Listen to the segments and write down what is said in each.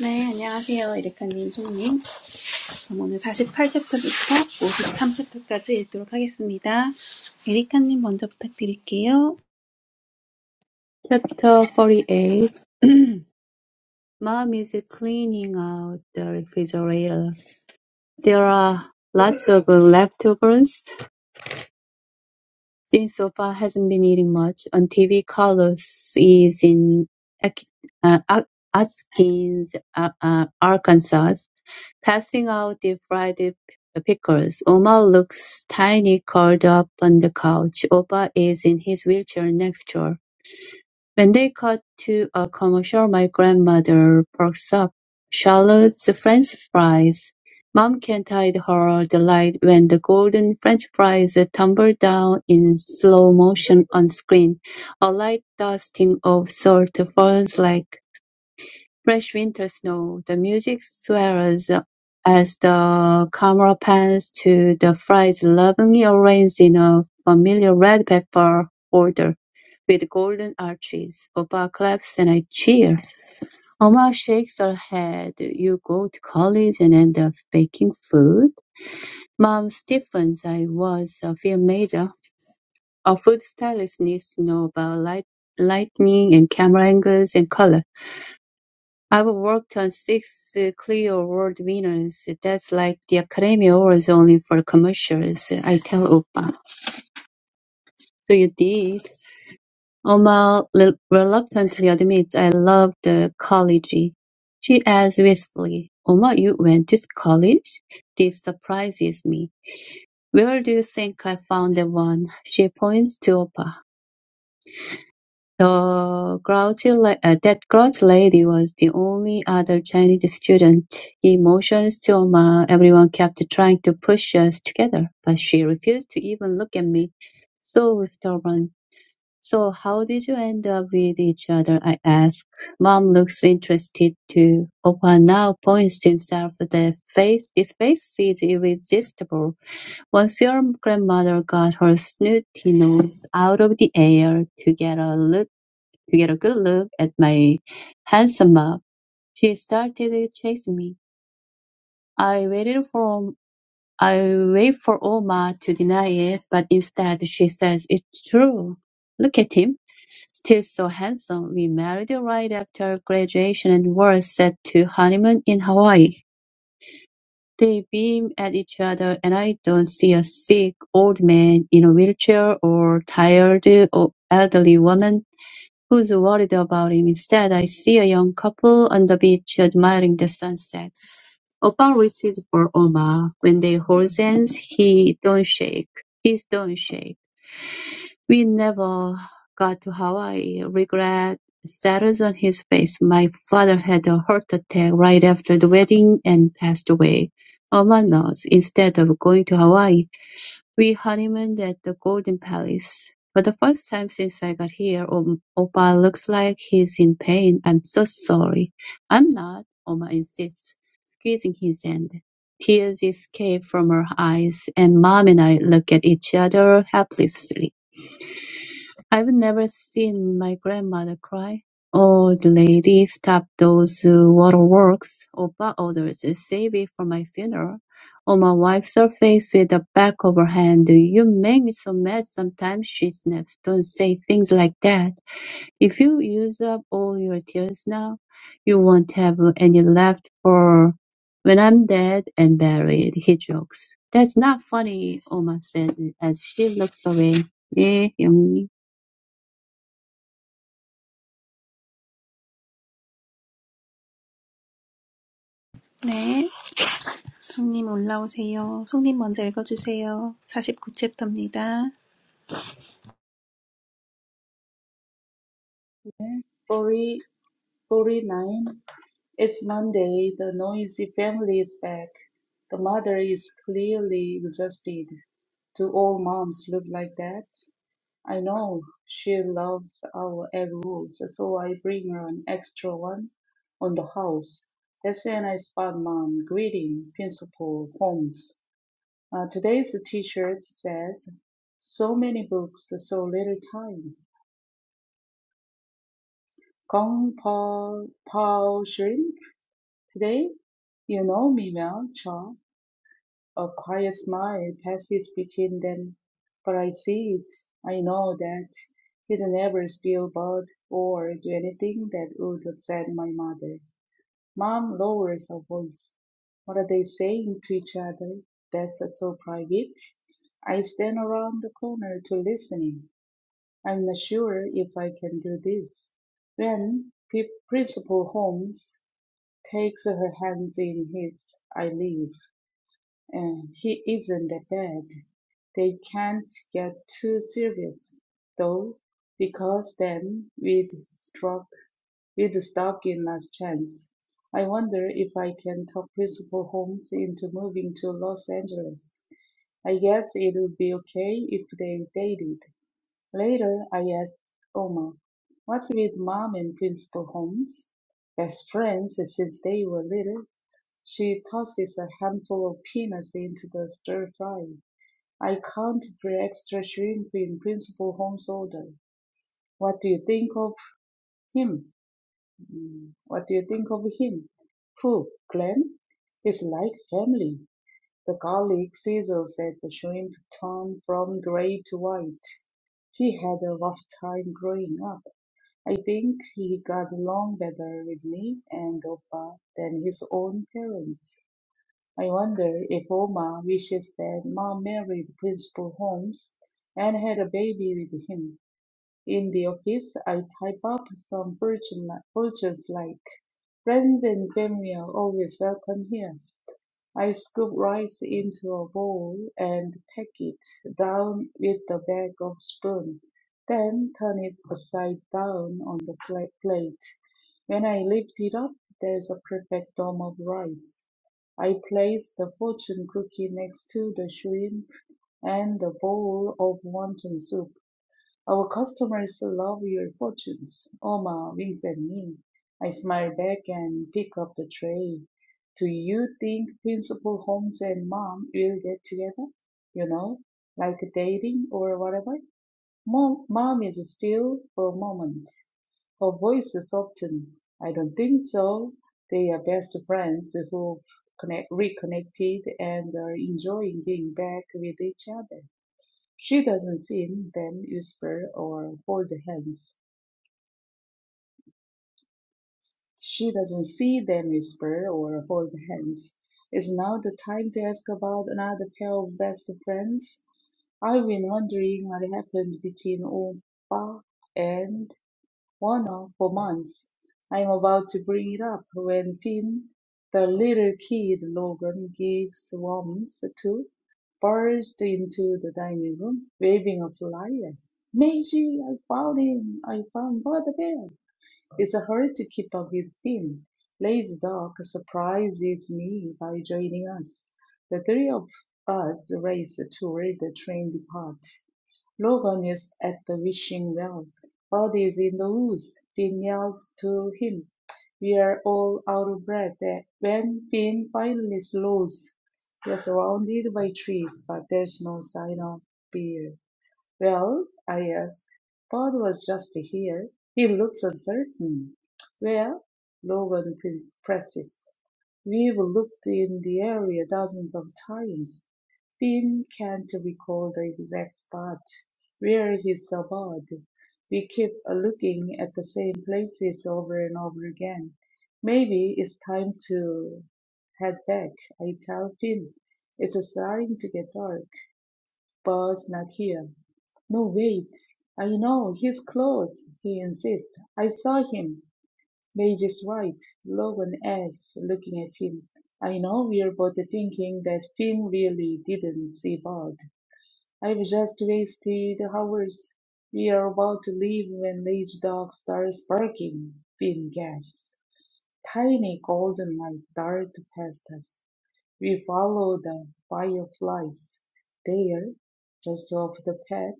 네, 안녕하세요. 에리카님, 송님. 그럼 오늘 48챕터부터 53챕터까지 읽도록 하겠습니다. 에리카님 먼저 부탁드릴게요. Chapter 48 Mom is cleaning out the refrigerator. There are lots of leftovers since Sofa hasn't been eating much. On TV, Carlos is in uh, Atkins, uh, uh, Arkansas, passing out deep fried pickles. Oma looks tiny curled up on the couch. Opa is in his wheelchair next door. When they cut to a commercial, my grandmother perks up. Charlotte's French fries. Mom can't hide her delight when the golden French fries tumble down in slow motion on screen. A light dusting of salt falls like fresh winter snow. The music swells as the camera pans to the fries lovingly arranged in a familiar red pepper order with golden arches. Opa claps and I cheer. Oma shakes her head. You go to college and end up baking food? Mom stiffens. I was a film major. A food stylist needs to know about light, lightning and camera angles and color. I've worked on six uh, Clio Award winners. That's like the Academy Awards only for commercials, I tell Oppa. So you did. Oma rel- reluctantly admits I love the college. She asks wistfully, Oma, you went to college? This surprises me. Where do you think I found the one? She points to Oppa. The grouchy la- uh, that grouchy lady was the only other Chinese student. He motions to Emma. Everyone kept trying to push us together, but she refused to even look at me. So stubborn. So how did you end up with each other? I ask. Mom looks interested too. Opa now points to himself. The face, this face is irresistible. Once your grandmother got her snooty nose out of the air to get a look to get a good look at my handsome mug. She started chasing me. I waited for I wait for Oma to deny it, but instead she says it's true. Look at him, still so handsome. We married right after graduation and were set to honeymoon in Hawaii. They beam at each other, and I don't see a sick old man in a wheelchair or tired or elderly woman Who's worried about him? Instead, I see a young couple on the beach admiring the sunset. Opal reaches for Oma. When they hold hands, he don't shake. He's don't shake. We never got to Hawaii. Regret settles on his face. My father had a heart attack right after the wedding and passed away. Oma knows. Instead of going to Hawaii, we honeymooned at the Golden Palace. For the first time since I got here, um, Opa looks like he's in pain. I'm so sorry. I'm not, Oma insists, squeezing his hand. Tears escape from her eyes, and Mom and I look at each other helplessly. I've never seen my grandmother cry. Old lady, stop those uh, waterworks. Oppa orders, save it for my funeral. On my wife's face with the back of her hand. You make me so mad sometimes, she snaps. Don't say things like that. If you use up all your tears now, you won't have any left for when I'm dead and buried, he jokes. That's not funny, Oma says as she looks away. 네, 영님. 네, 송님 올라오세요. 송님 먼저 읽어주세요. 49챕터입니다. Okay, Forty, forty-nine. It's Monday. The noisy family is back. The mother is clearly exhausted. Do all moms look like that? I know she loves our egg rolls, so I bring her an extra one on the house. That's when I spot mom greeting Principal Holmes. Uh, today's T-shirt says, "So many books, so little time." Kong Pao Pao Shrim Today, you know me well, Cha. A quiet smile passes between them, but I see it. I know that he'd never steal bird or do anything that would upset my mother. Mom lowers her voice. What are they saying to each other? That's so private. I stand around the corner to listen. I'm not sure if I can do this. When P- Principal Holmes takes her hands in his. I leave. Uh, he isn't a bad. They can't get too serious, though, because then we'd struck, we'd stuck in last chance. I wonder if I can talk Principal Holmes into moving to Los Angeles. I guess it'll be okay if they dated. Later, I asked Oma, What's with Mom and Principal Holmes? Best friends since they were little. She tosses a handful of peanuts into the stir-fry. I counted for extra shrimp in Principal Holmes' order. What do you think of him? Mm, What do you think of him? Pooh, Glenn. He's like family. The garlic sizzles as the shrimp turn from gray to white. He had a rough time growing up. I think he got along better with me and Opa than his own parents. I wonder if Oma wishes that Ma married Principal Holmes and had a baby with him. In the office, I type up some fortune fortunes like, friends and family are always welcome here. I scoop rice into a bowl and pack it down with the back of spoon, then turn it upside down on the pla- plate. When I lift it up, there's a perfect dome of rice. I place the fortune cookie next to the shrimp and the bowl of wonton soup. Our customers love your fortunes. Oma winks at me. I smile back and pick up the tray. Do you think Principal Holmes and Mom will get together? You know, like dating or whatever? Mom, Mom is still for a moment. Her voice is softened. I don't think so. They are best friends who connect, reconnected and are enjoying being back with each other. She doesn't see them whisper or hold hands. She doesn't see them whisper or hold hands. Is now the time to ask about another pair of best friends? I've been wondering what happened between Opa and Warner for months. I'm about to bring it up when Finn, the little kid Logan gives warmth to, burst into the dining room, waving a flyer. Meiji, I found him! I found Bud the Bear! It's a hurry to keep up with Finn. Lay's dog surprises me by joining us. The three of us race toward the train depart. Logan is at the wishing well. Bud is in the woods. Finn yells to him. We're all out of breath. When Finn finally slows, we're surrounded by trees, but there's no sign of beer. Well, I ask. Pod was just here. He looks uncertain. Well, Logan presses. We've looked in the area dozens of times. Finn can't recall the exact spot where he saw We keep looking at the same places over and over again. Maybe it's time to head back, I tell Finn. It's starting to get dark. Buzz not here. No, wait. I know he's close, he insists. I saw him. Mage is right. Love and S, looking at him. I know we're both thinking that Finn really didn't see Bud. I've just wasted hours. We are about to leave when Mage Dog starts barking, Finn gasps. Tiny golden light dart past us. We follow the fireflies. There, just off the path,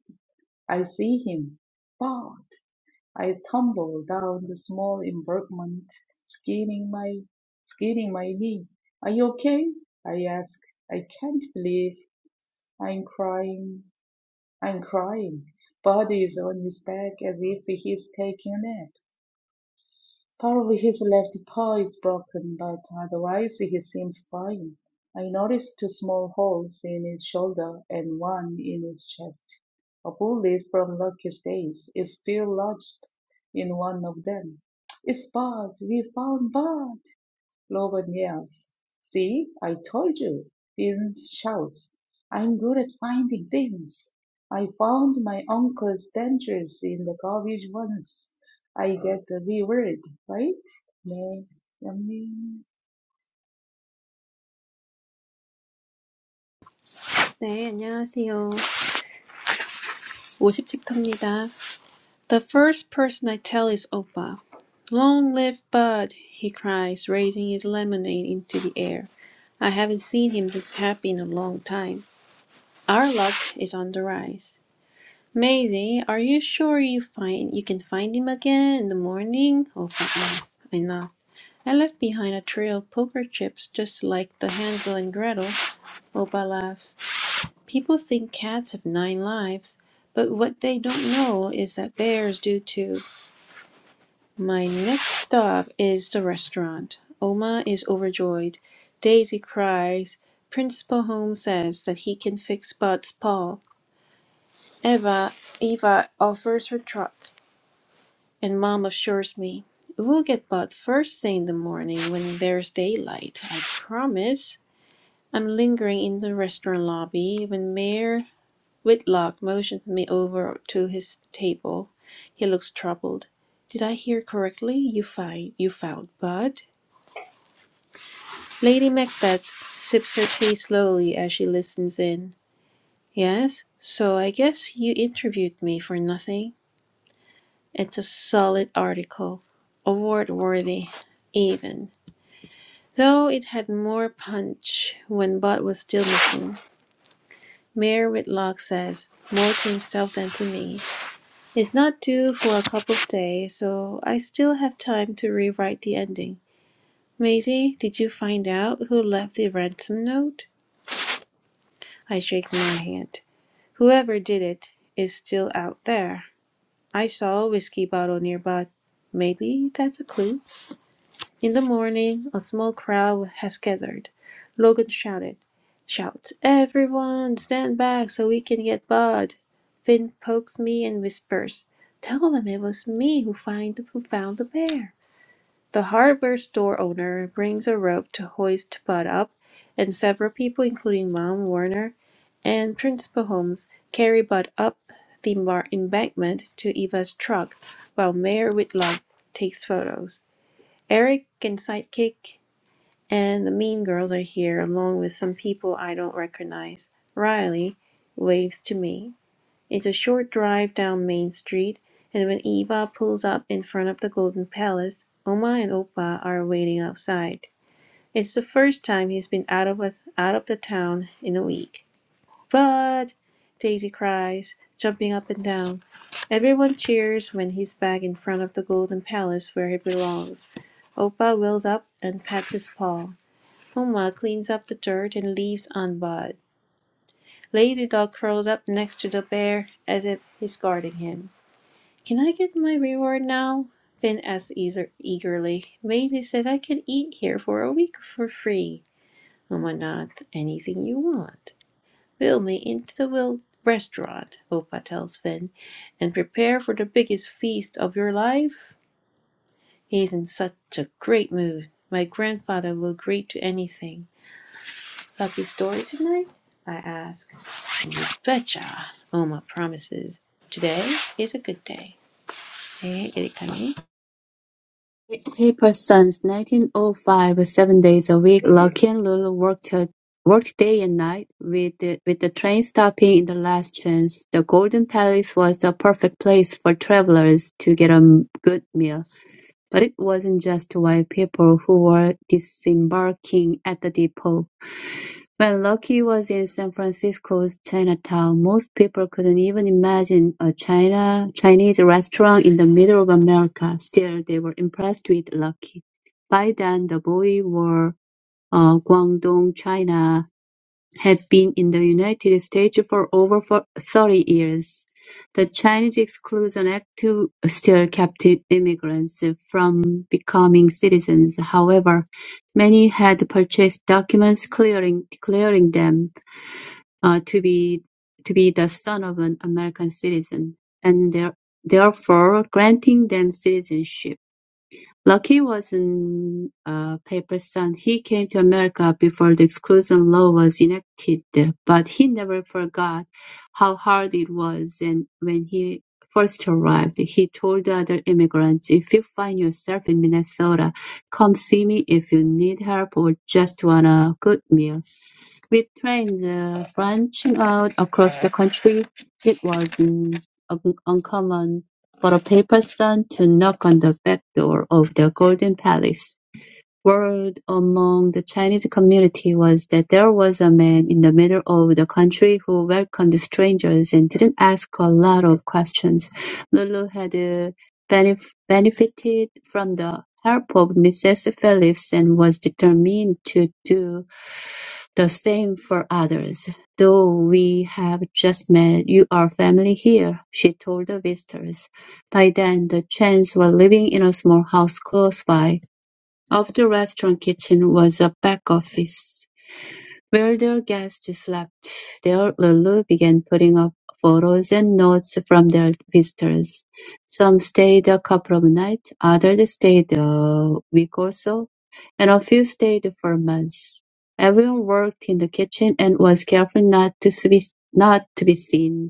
I see him. Bud! I tumbled down the small embankment, skidding my skidding my knee. Are you okay? I asked. I can't believe I'm crying. I'm crying. Buddy is on his back as if he's taking a nap. Probably his left paw is broken, but otherwise he seems fine. I noticed two small holes in his shoulder and one in his chest. A bullet from Lucky's days is still lodged in one of them. It's Bart! We found Bart! Logan yells. See, I told you. Vince shouts. I'm good at finding things. I found my uncle's dentures in the garbage once. I get the V word, right? May, yummy. 네, 안녕하세요. 50챕터입니다. The first person I tell is Opa. Long live Bud, he cries, raising his lemonade into the air. I haven't seen him this happy in a long time. Our luck is on the rise. Maisie, are you sure you find you can find him again in the morning? Oh, goodness, I knocked. I left behind a trail of poker chips just like the Hansel and Gretel. Opa laughs. People think cats have nine lives, but what they don't know is that bears do too. My next stop is the restaurant. Oma is overjoyed. Daisy cries. Principal Holmes says that he can fix Bud's paw. Eva, Eva offers her truck. And mom assures me, We'll get bought first thing in the morning when there's daylight, I promise. I'm lingering in the restaurant lobby when Mayor Whitlock motions me over to his table. He looks troubled. Did I hear correctly? You find you found Bud? Lady Macbeth sips her tea slowly as she listens in. Yes, so I guess you interviewed me for nothing. It's a solid article, award worthy, even. Though it had more punch when Bott was still missing, Mayor Whitlock says, more to himself than to me, It's not due for a couple of days, so I still have time to rewrite the ending. Maisie, did you find out who left the ransom note? I shake my hand. Whoever did it is still out there. I saw a whiskey bottle nearby. Maybe that's a clue. In the morning, a small crowd has gathered. Logan shouted, shouts, Everyone, stand back so we can get Bud. Finn pokes me and whispers, Tell them it was me who, find, who found the bear. The hardware store owner brings a rope to hoist Bud up, and several people, including Mom Warner and Principal Holmes, carry Bud up the mar- embankment to Eva's truck while Mayor Whitlock takes photos. Eric and Sidekick and the Mean Girls are here, along with some people I don't recognize. Riley waves to me. It's a short drive down Main Street, and when Eva pulls up in front of the Golden Palace, Oma and Opa are waiting outside. It's the first time he's been out of a, out of the town in a week. But Daisy cries, jumping up and down. Everyone cheers when he's back in front of the golden palace where he belongs. Oppa wheels up and pats his paw. Puma cleans up the dirt and leaves unbowed. Lazy dog curls up next to the bear as if he's guarding him. Can I get my reward now? Finn asks eagerly. Maisie said I can eat here for a week for free. Mama nods. Anything you want. Wheel me into the will restaurant, Opa tells Finn, and prepare for the biggest feast of your life. He's in such a great mood. My grandfather will agree to anything. Lucky story tonight? I ask. You betcha, Oma promises. Today is a good day. 네, 여기까지. Paper since nineteen oh five, seven days a week, Lochinvar worked worked day and night, with the, with the train stopping in the last chance. The Golden Palace was the perfect place for travelers to get a good meal, but it wasn't just white people who were disembarking at the depot. When Lucky was in San Francisco's Chinatown, most people couldn't even imagine a China Chinese restaurant in the middle of America. Still, they were impressed with Lucky. By then, the boy wore a Guangdong China have been in the United States for over 30 years. The Chinese Exclusion Act still kept immigrants from becoming citizens. However, many had purchased documents clearing, declaring them uh, to be to be the son of an American citizen, and there, therefore granting them citizenship. Lockheed was an uh, Papist son; he came to America before the Exclusion Law was enacted, but he never forgot how hard it was and when he first arrived, he told the other immigrants, "If you find yourself in Minnesota, come see me if you need help or just want a good meal." With trains the French out across the country. It was mm, un- uncommon for a paper son to knock on the back door of the Golden Palace word among the Chinese community was that there was a man in the middle of the country who welcomed strangers and didn't ask a lot of questions. Lulu had uh, benef- benefited from the help of Mrs. Phillips and was determined to do the same for others. Though we have just met, you are family here, she told the visitors. By then, the Chens were living in a small house close by of the restaurant kitchen was a back office, where their guests slept. There Lulu began putting up photos and notes from their visitors. Some stayed a couple of nights, others stayed a week or so, and a few stayed for months. Everyone worked in the kitchen and was careful not to be, not to be seen,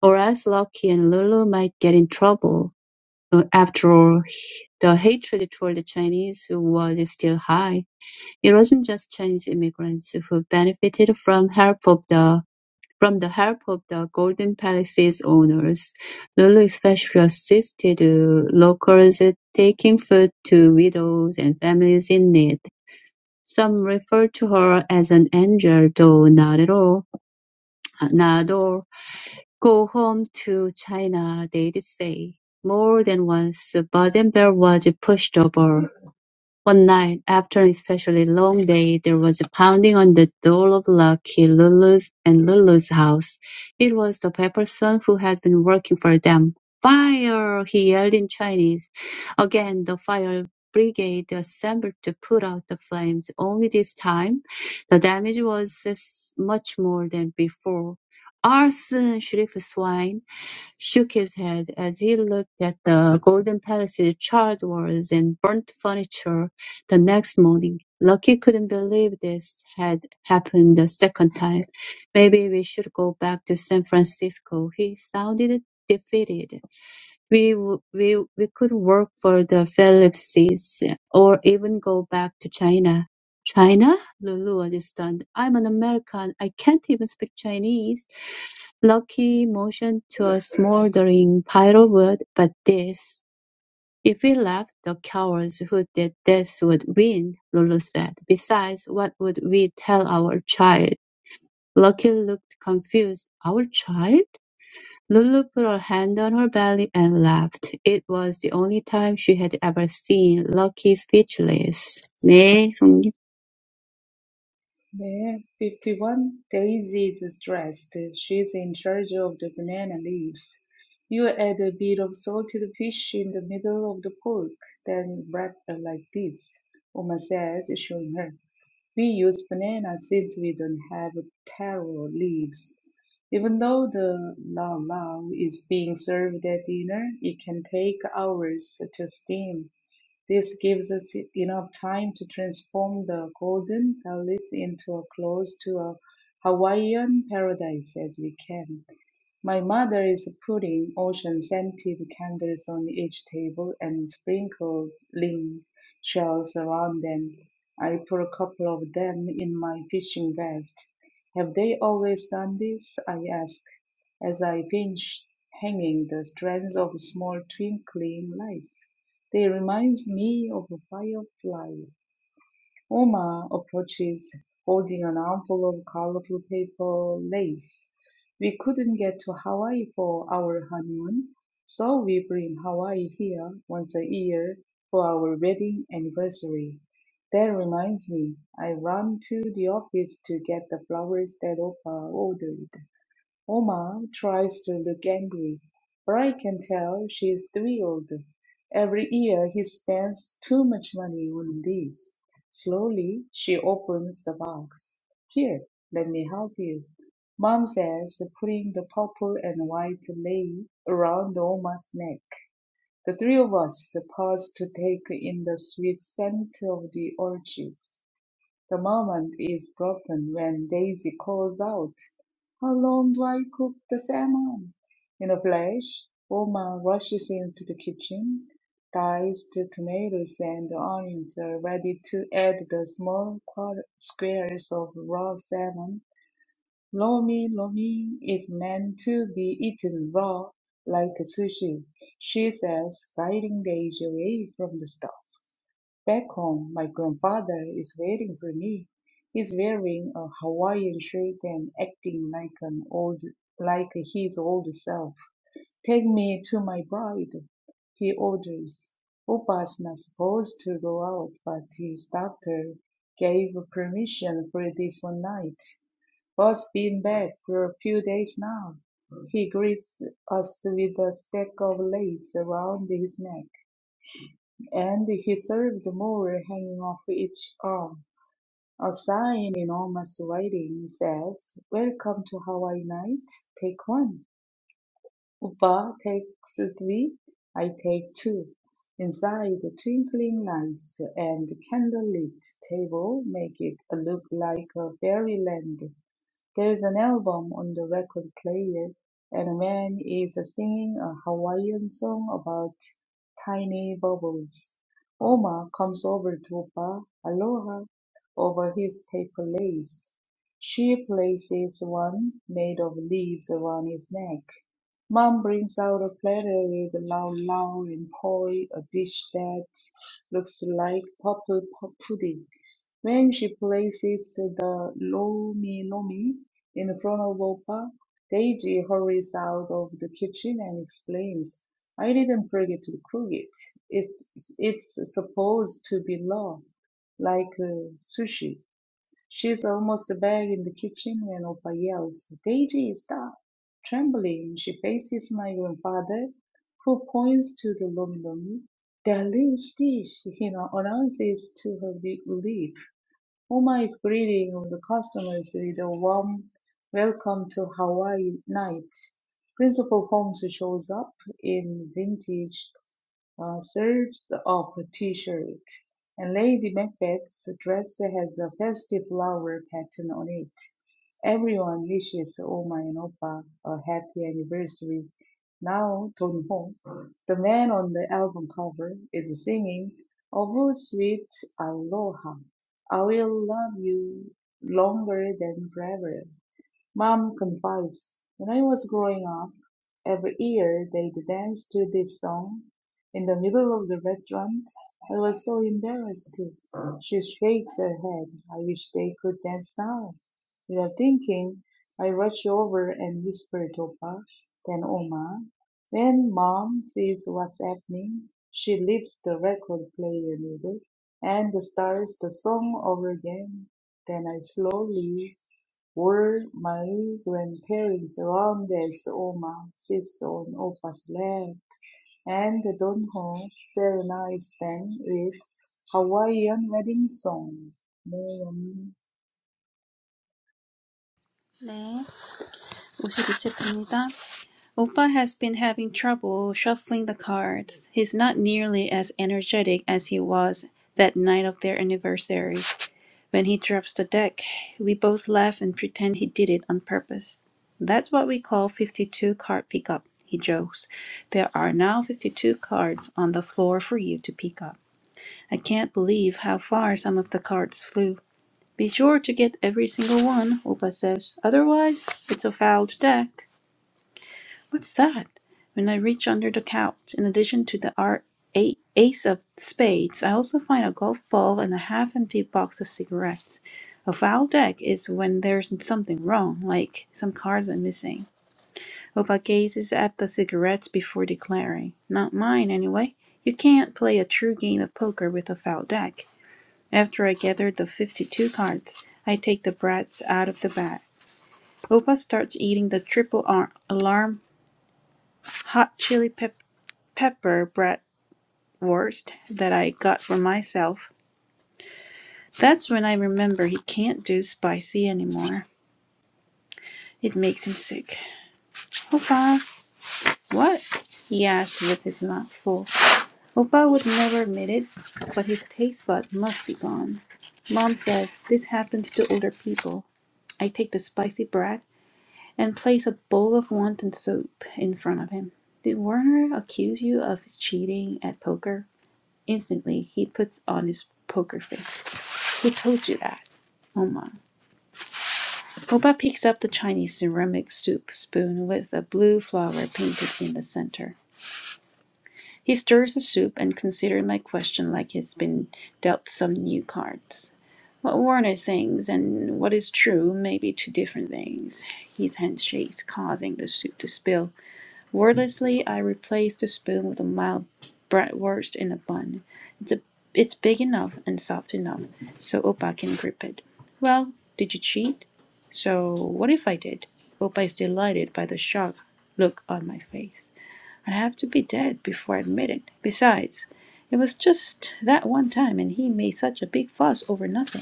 or else Lucky and Lulu might get in trouble. Uh, After all, the hatred toward the Chinese was still high it wasn't just Chinese immigrants who benefited from help of the from the help of the Golden Palace's owners. Lulu especially assisted uh, locals taking food to widows and families in need. Some refer to her as an angel, though not at all. Not all. Go home to China, they'd say. More than once, Baden-Bell was pushed over one night, after an especially long day, there was a pounding on the door of Lucky Lulu's and Lulu's house. It was the Pepper's son who had been working for them. "Fire!" he yelled in Chinese. Again, the fire brigade assembled to put out the flames. Only this time, the damage was s- much more than before. "Arson!" Sheriff Swine shook his head as he looked at the golden palaces, charred walls, and burnt furniture. The next morning, Lucky couldn't believe this had happened the second time. Maybe we should go back to San Francisco. He sounded defeated. We, w- we, we could work for the Philipses or even go back to China. China? Lulu was stunned. I'm an American. I can't even speak Chinese. Lucky motioned to a smoldering pile of wood, but this "If we left, the cowards who did this would win," Lulu said. "Besides, what would we tell our child?" Lucky looked confused. "Our child?" Lulu put her hand on her belly and laughed. It was the only time she had ever seen Lucky speechless. 네, 송님. May 51. Daisy is stressed. She's in charge of the banana leaves. You add a bit of salted fish in the middle of the pork, then wrap it like this, Uma says, showing her. We use banana since we don't have taro leaves. Even though the lao lao is being served at dinner, it can take hours to steam. This gives us enough time to transform the golden palace into as close to a Hawaiian paradise as we can. My mother is putting ocean-scented candles on each table and sprinkles link shells around them. I put a couple of them in my fishing vest. Have they always done this? I ask, as I pinch hanging the strands of small twinkling lights. They remind me of a firefly Uma approaches holding an armful of colorful paper lace. We couldn't get to Hawaii for our honeymoon, so we bring Hawaii here once a year for our wedding anniversary. That reminds me, I ran to the office to get the flowers that Opa ordered. Oma tries to look angry, but I can tell she is thrilled. Every year he spends too much money on these. Slowly she opens the box. Here, let me help you. Mom says, putting the purple and white lei around Oma's neck. The three of us pause to take in the sweet scent of the orchids. The moment is broken when Daisy calls out, How long do I cook the salmon? In a flash, Oma rushes into the kitchen, diced tomatoes and onions are ready to add the small quar- squares of raw salmon. Lomi Lomi is meant to be eaten raw, like sushi, she says, guiding Daisy away from the stove. Back home, my grandfather is waiting for me. He's wearing a Hawaiian shirt and acting like an old, like his old self. Take me to my bride, he orders. Opa's not supposed to go out, but his doctor gave permission for this one night. Boss been back for a few days now. He greets us with a stack of lace around his neck. And he served more hanging off each arm. A sign in enormous writing says, Welcome to Hawaii Night, take one. Upa takes three, I take two. Inside the twinkling lights and candlelit table make it look like a fairyland. There's an album on the record player, and a man is singing a Hawaiian song about tiny bubbles. Oma comes over to Opa Aloha over his paper lace. She places one made of leaves around his neck. Mom brings out a platter with lau lau and poi, a dish that looks like purple pu- pudding. When she places the Lomi-Lomi in front of Opa, Daisy hurries out of the kitchen and explains, I didn't forget to cook it. It's, it's supposed to be raw, like uh, sushi. She's almost back in the kitchen when Opa yells, Daisy, stop! Trembling, she faces my grandfather, who points to the Lomi-Lomi. Delicious, dish," he announces to her big relief. Uma is greeting of the customers with a warm welcome to Hawaii Night. Principal Holmes shows up in vintage uh, serves up a t-shirt, and Lady Macbeth's dress has a festive flower pattern on it. Everyone wishes Oma and Opa a happy anniversary. Now, Don Ho, the man on the album cover, is singing Oh Sweet Aloha. I will love you longer than forever. Mom confessed, When I was growing up, every year they'd dance to this song in the middle of the restaurant. I was so embarrassed. She shakes her head. I wish they could dance now. Without thinking, I rush over and whisper to Papa, then Oma. When Mom sees what's happening, she lifts the record player middle and starts the song over again. Then I slowly were my grandparents around as Oma sits on Opa's lap, and the Donho serenades them with Hawaiian wedding song. 네, 52페이지입니다. Opa has been having trouble shuffling the cards. He's not nearly as energetic as he was that night of their anniversary. When he drops the deck, we both laugh and pretend he did it on purpose. That's what we call 52 card pickup, he jokes. There are now 52 cards on the floor for you to pick up. I can't believe how far some of the cards flew. Be sure to get every single one, Opa says. Otherwise, it's a fouled deck. What's that? When I reach under the couch, in addition to the ar- a- ace of spades, I also find a golf ball and a half empty box of cigarettes. A foul deck is when there's something wrong, like some cards are missing. Opa gazes at the cigarettes before declaring, Not mine, anyway. You can't play a true game of poker with a foul deck. After I gather the 52 cards, I take the brats out of the bag. Opa starts eating the triple ar- alarm hot chili pep- pepper bratwurst that I got for myself. That's when I remember he can't do spicy anymore. It makes him sick. Opa, what? he asked with his mouth full. Opa would never admit it, but his taste bud must be gone. Mom says this happens to older people. I take the spicy brat and place a bowl of wonton soup in front of him. Did Werner accuse you of cheating at poker? Instantly, he puts on his poker face. Who told you that? Oma. Opa picks up the Chinese ceramic soup spoon with a blue flower painted in the center. He stirs the soup and considers my question like he's been dealt some new cards. What Warner thinks and what is true may be two different things. His hand shakes, causing the soup to spill. Wordlessly, I replaced the spoon with a mild bratwurst in a bun. It's, a, it's big enough and soft enough so Opa can grip it. Well, did you cheat? So, what if I did? Opa is delighted by the shock look on my face. I'd have to be dead before I admit it. Besides, it was just that one time and he made such a big fuss over nothing.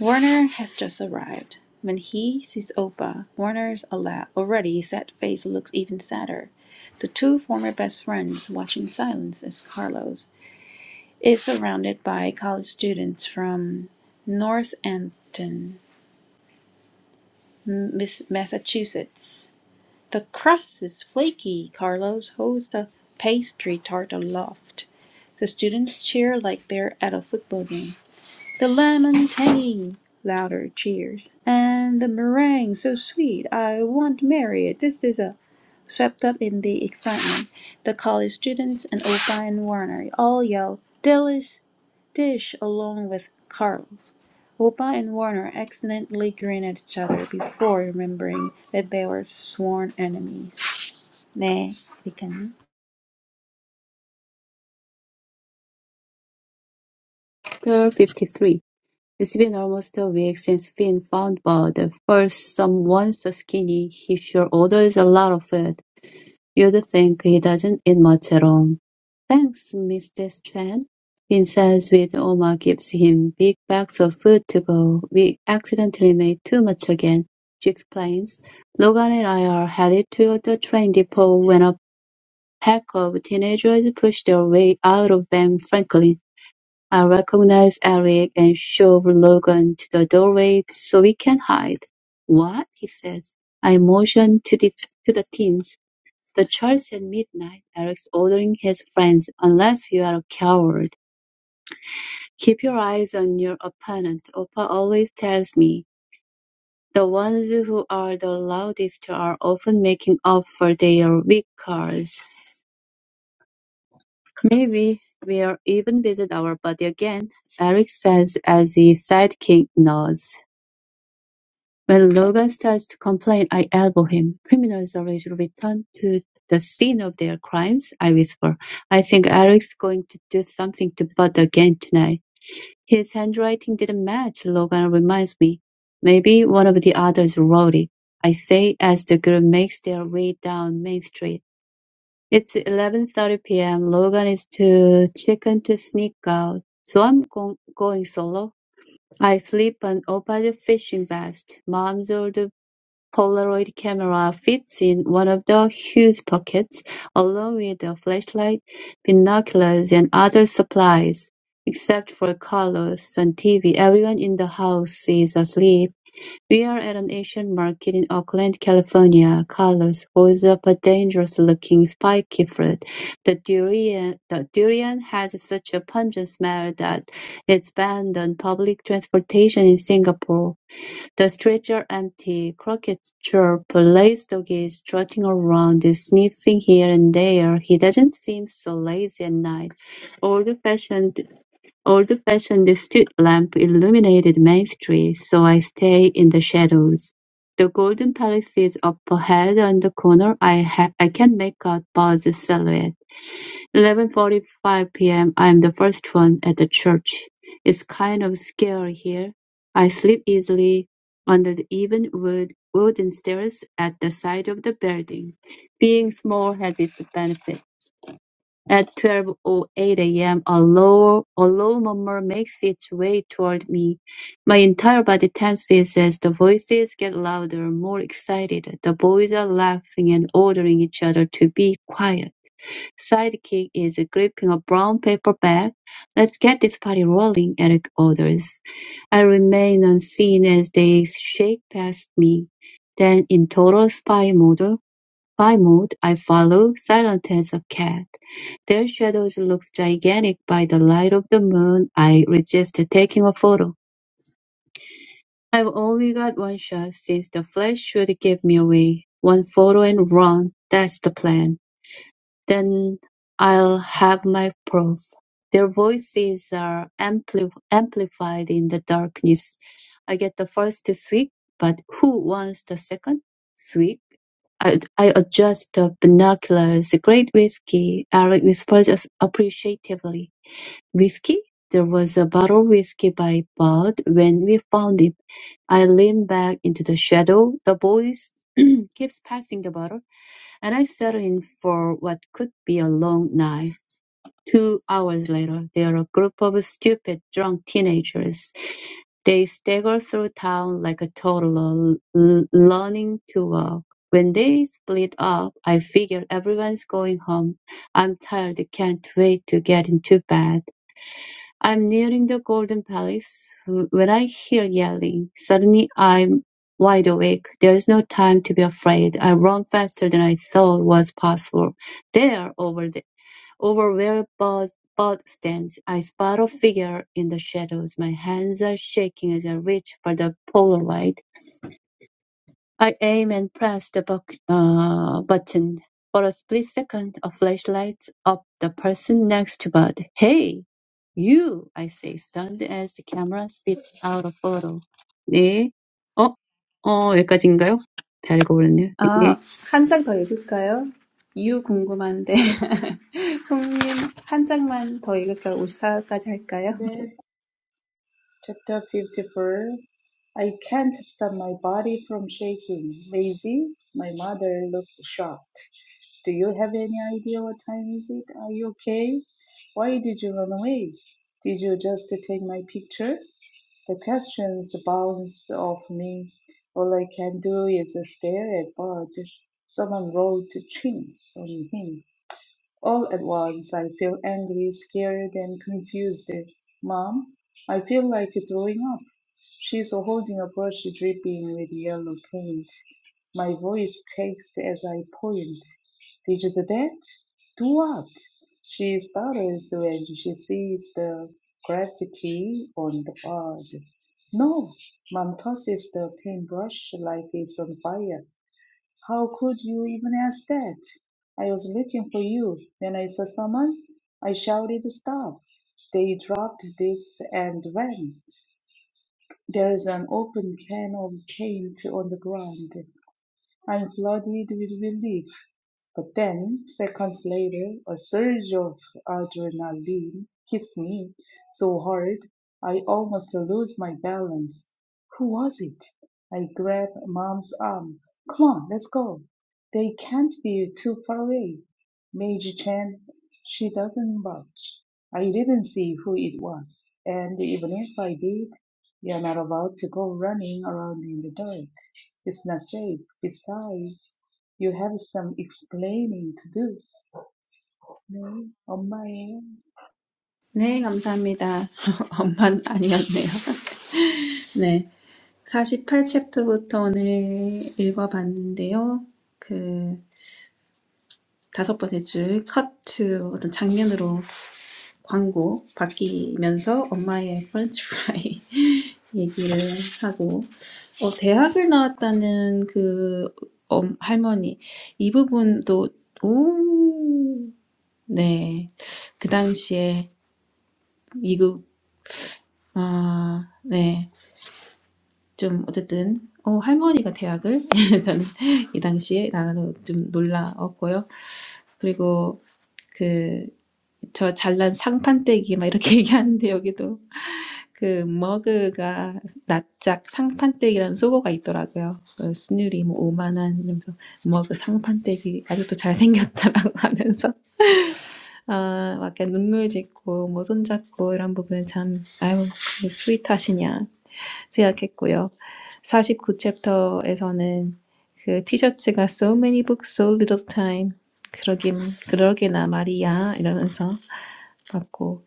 Warner has just arrived. When he sees Opa, Warner's already sad face looks even sadder. The two former best friends watch in silence as Carlos is surrounded by college students from Northampton, Massachusetts. The crust is flaky. Carlos holds the pastry tart aloft. The students cheer like they're at a football game. The lemon tea! Louder cheers. And the meringue so sweet. I want to marry it. This is a swept up in the excitement. The college students and old and Warner all yell "delish, dish along with Carlos. Opa and Warner accidentally grin at each other before remembering that they were sworn enemies. 네, 여기까지. 53 It's been almost a week since Finn found Bud. First, someone's skinny. He sure orders a lot of it. You'd think he doesn't eat much at all. Thanks, Mrs. Chen. Vince's with Oma gives him big bags of food to go. We accidentally made too much again, she explains. Logan and I are headed to the train depot when a pack of teenagers push their way out of Ben Franklin. I recognize Eric and shove Logan to the doorway so we can hide. What? he says. I motion to the, to the teens. The church at midnight, Eric's ordering his friends, unless you're a coward. Keep your eyes on your opponent. Opa always tells me. The ones who are the loudest are often making up for their weak cards. Maybe we'll even visit our buddy again, Eric says as his sidekick nods. When Logan starts to complain, I elbow him. Criminals always return to the scene of their crimes, I whisper. I think Eric's going to do something to Bud again tonight. His handwriting didn't match, Logan reminds me. Maybe one of the others wrote it, I say as the group makes their way down Main Street. It's 11.30 p.m. Logan is too chicken to sneak out, so I'm go- going solo. I slip an old fishing vest, mom's old Polaroid camera fits in one of the huge pockets, along with a flashlight, binoculars, and other supplies. Except for Carlos and TV, everyone in the house is asleep. We are at an Asian market in Oakland, California. Carlos holds up a dangerous-looking spiky fruit. The durian, the durian has such a pungent smell that it's banned on public transportation in Singapore. The streets are empty; crickets chirp; lazy dog is trotting around, sniffing here and there; he doesn't seem so lazy at night. Old-fashioned old-fashioned street lamp illuminated Main Street, so I stay in the shadows. The Golden Palace is up ahead on the corner; I ha- I can't make out Bud's silhouette. Eleven forty-five PM. I'm the first one at the church. It's kind of scary here. I sleep easily under the even wood, wooden stairs at the side of the building. Being small has its benefit. At 12:08 a.m., a m, a low, a low murmur makes its way toward me. My entire body tenses as the voices get louder, more excited. The boys are laughing and ordering each other to be quiet. Sidekick is gripping a brown paper bag. Let's get this party rolling, Eric orders. I remain unseen as they shake past me. Then in total spy mode, spy mode, I follow, silent as a cat. Their shadows look gigantic by the light of the moon. I resist taking a photo. I've only got one shot since the flash should give me away. One photo and run. That's the plan. Then I'll have my proof. Their voices are ampli- amplified in the darkness. I get the first swig, but who wants the second swig? I, I adjust the binoculars. Great whiskey, Eric whispers as- appreciatively. Whiskey? There was a bottle of whiskey by Bud when we found it. I lean back into the shadow. The boys keeps passing the bottle and I settled in for what could be a long night. Two hours later, they are a group of stupid, drunk teenagers. They stagger through town like a toddler, l- learning to walk. When they split up, I figure everyone's going home. I'm tired, can't wait to get into bed. I'm nearing the Golden Palace when I hear yelling. Suddenly I'm wide awake. There's no time to be afraid. I run faster than I thought was possible. There, over the over where Bud, Bud stands, I spot a figure in the shadows. My hands are shaking as I reach for the Polaroid. I aim and press the buck- uh, button. For a split second, a flash lights up the person next to Bud. Hey, you! I say, stunned as the camera spits out a photo. 네. 어, 어, 여기까지인가요? 잘 읽어버렸네요. 네. 아, 한 장 더 읽을까요? 이유 궁금한데. 송님, 한 장만 더 읽을까요? 54까지 할까요? Then, Chapter 54 I can't stop my body from shaking. Lazy? My mother looks shocked. Do you have any idea what time is it? Are you okay? Why did you run away? Did you just take my picture? The questions bounce off me. All I can do is stare at Bud. Someone rolled chins on him. All at once I feel angry, scared, and confused. Mom, I feel like throwing up. She's holding a brush dripping with yellow paint. My voice cracks as I point. Did you do that? Do what? She stutters when she sees the graffiti on the board. No, Mom tosses the paintbrush like it's on fire. How could you even ask that? I was looking for you. When I saw someone, I shouted stop. They dropped this and ran. There is an open can of paint on the ground. I'm flooded with relief. But then, seconds later, a surge of adrenaline hits me so hard I almost lose my balance. Who was it? I grab mom's arm. Come on, let's go. They can't be too far away. Meiji Chan, she doesn't budge. I didn't see who it was, and even if I did, you're not about to go running around in the dark. It's not safe. Besides, you have some explaining to do. No, oh my, thank you. 네, 감사합니다. 엄만 아니었네요. 네. 48 챕터부터 오늘 읽어봤는데요. 그, 다섯 번째 줄, 컷 u 어떤 장면으로 광고 바뀌면서 엄마의 프렌치 프라이 얘기를 하고 어, 대학을 나왔다는 그 엄, 할머니 이 부분도 오, 네. 그 당시에 미국 네. 좀 어쨌든 어, 할머니가 대학을 저는 이 당시에 나가서 좀 놀라웠고요. 그리고 그 저 잘난 상판떼기 막 이렇게 얘기하는데 여기도 그 머그가 납작 상판떼기라는 속어가 있더라고요. 그 스누리 뭐 오만한 이러면서 머그 상판떼기 아직도 잘생겼다라고 하면서 아, 막 눈물 짓고 뭐 손잡고 이런 부분은 참 아유 스윗하시냐 생각했고요. 49챕터에서는 그 티셔츠가 so many books, so little time. 그러긴, 그러게나 말이야. 이러면서 봤고.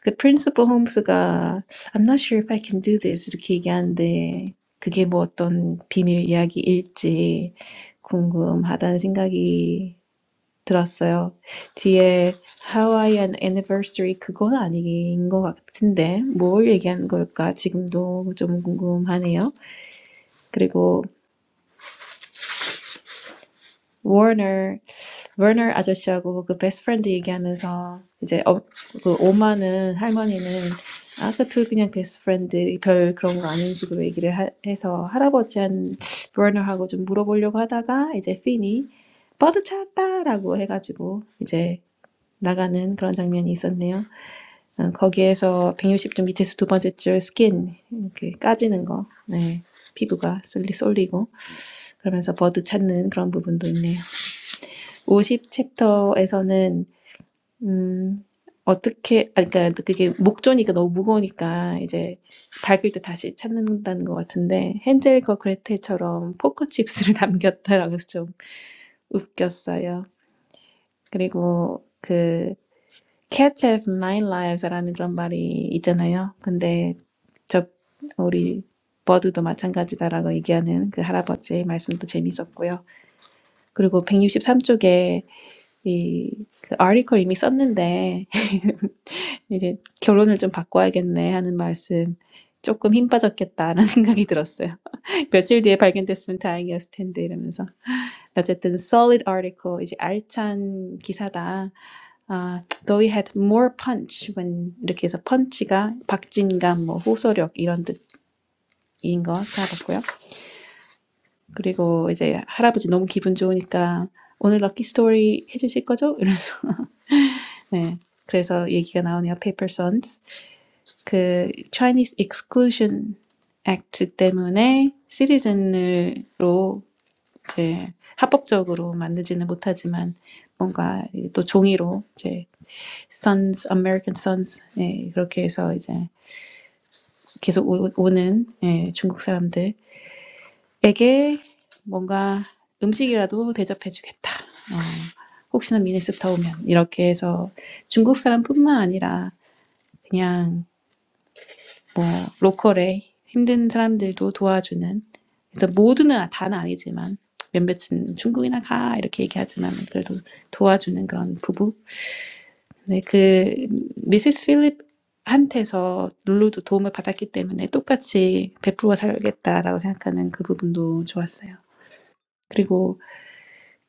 그 프린시퍼 홈스가 I'm not sure if I can do this. 이렇게 얘기하는데 그게 뭐 어떤 비밀 이야기일지 궁금하다는 생각이 들었어요. 뒤에 Hawaiian anniversary 그건 아닌 것 같은데 뭘 얘기하는 걸까 지금도 좀 궁금하네요. 그리고 워너 워너 아저씨하고 그 베스트 프렌드 얘기하면서 이제 어, 그 오마는 할머니는 아까 둘 그냥 베스트 프렌드 별 그런 거 아닌 식으로 얘기를 하, 해서 할아버지한 워너하고 좀 물어보려고 하다가 이제 핀이 버드 찾았다라고 해가지고 이제 나가는 그런 장면이 있었네요. 어, 거기에서 160점 밑에서 두 번째 줄 스킨 이렇게 까지는 거, 네. 피부가 쏠리 쏠리고 그러면서 버드 찾는 그런 부분도 있네요. 50 챕터에서는 어떻게 아 그러니까 그게 목조니까 너무 무거우니까 이제 밝을 때 다시 찾는다는 것 같은데 헨젤과 그레텔처럼 포커칩스를 남겼다라고 해서 좀 웃겼어요. 그리고 그 Cat Have Nine Lives라는 그런 말이 있잖아요. 근데 저 우리 버드도 마찬가지다라고 얘기하는 그 할아버지의 말씀도 재밌었고요. 그리고 163쪽에 이그 article 이미 썼는데 이제 결론을 좀 바꿔야겠네 하는 말씀 조금 힘 빠졌겠다라는 생각이 들었어요. 며칠 뒤에 발견됐으면 다행이었을 텐데 이러면서 어쨌든 solid article 이제 알찬 기사다. 아, though it had more punch when 이렇게 해서 punch가 박진감 뭐 호소력 이런 뜻 인거 잡았고요. 그리고 이제 할아버지 너무 기분 좋으니까 오늘 럭키 스토리 해주실 거죠? 이러면서 네. 그래서 얘기가 나오네요. Paper Sons 그 Chinese Exclusion Act 때문에 시리즌으로 이제 합법적으로 만들지는 못하지만 뭔가 또 종이로 이제 Sons American Sons 예, 그렇게 해서 이제 계속 오, 오는 예, 중국 사람들 에게 뭔가 음식이라도 대접해주겠다. 혹시나 미네소타 오면 이렇게 해서 중국 사람뿐만 아니라 그냥 뭐 로컬에 힘든 사람들도 도와주는 그래서 모두는 아, 다는 아니지만 몇몇은 중국이나 가 이렇게 얘기하지만 그래도 도와주는 그런 부부. 근데 그 미세스 필립 한테서 룰루도 도움을 받았기 때문에 똑같이 베풀어 살겠다라고 생각하는 그 부분도 좋았어요. 그리고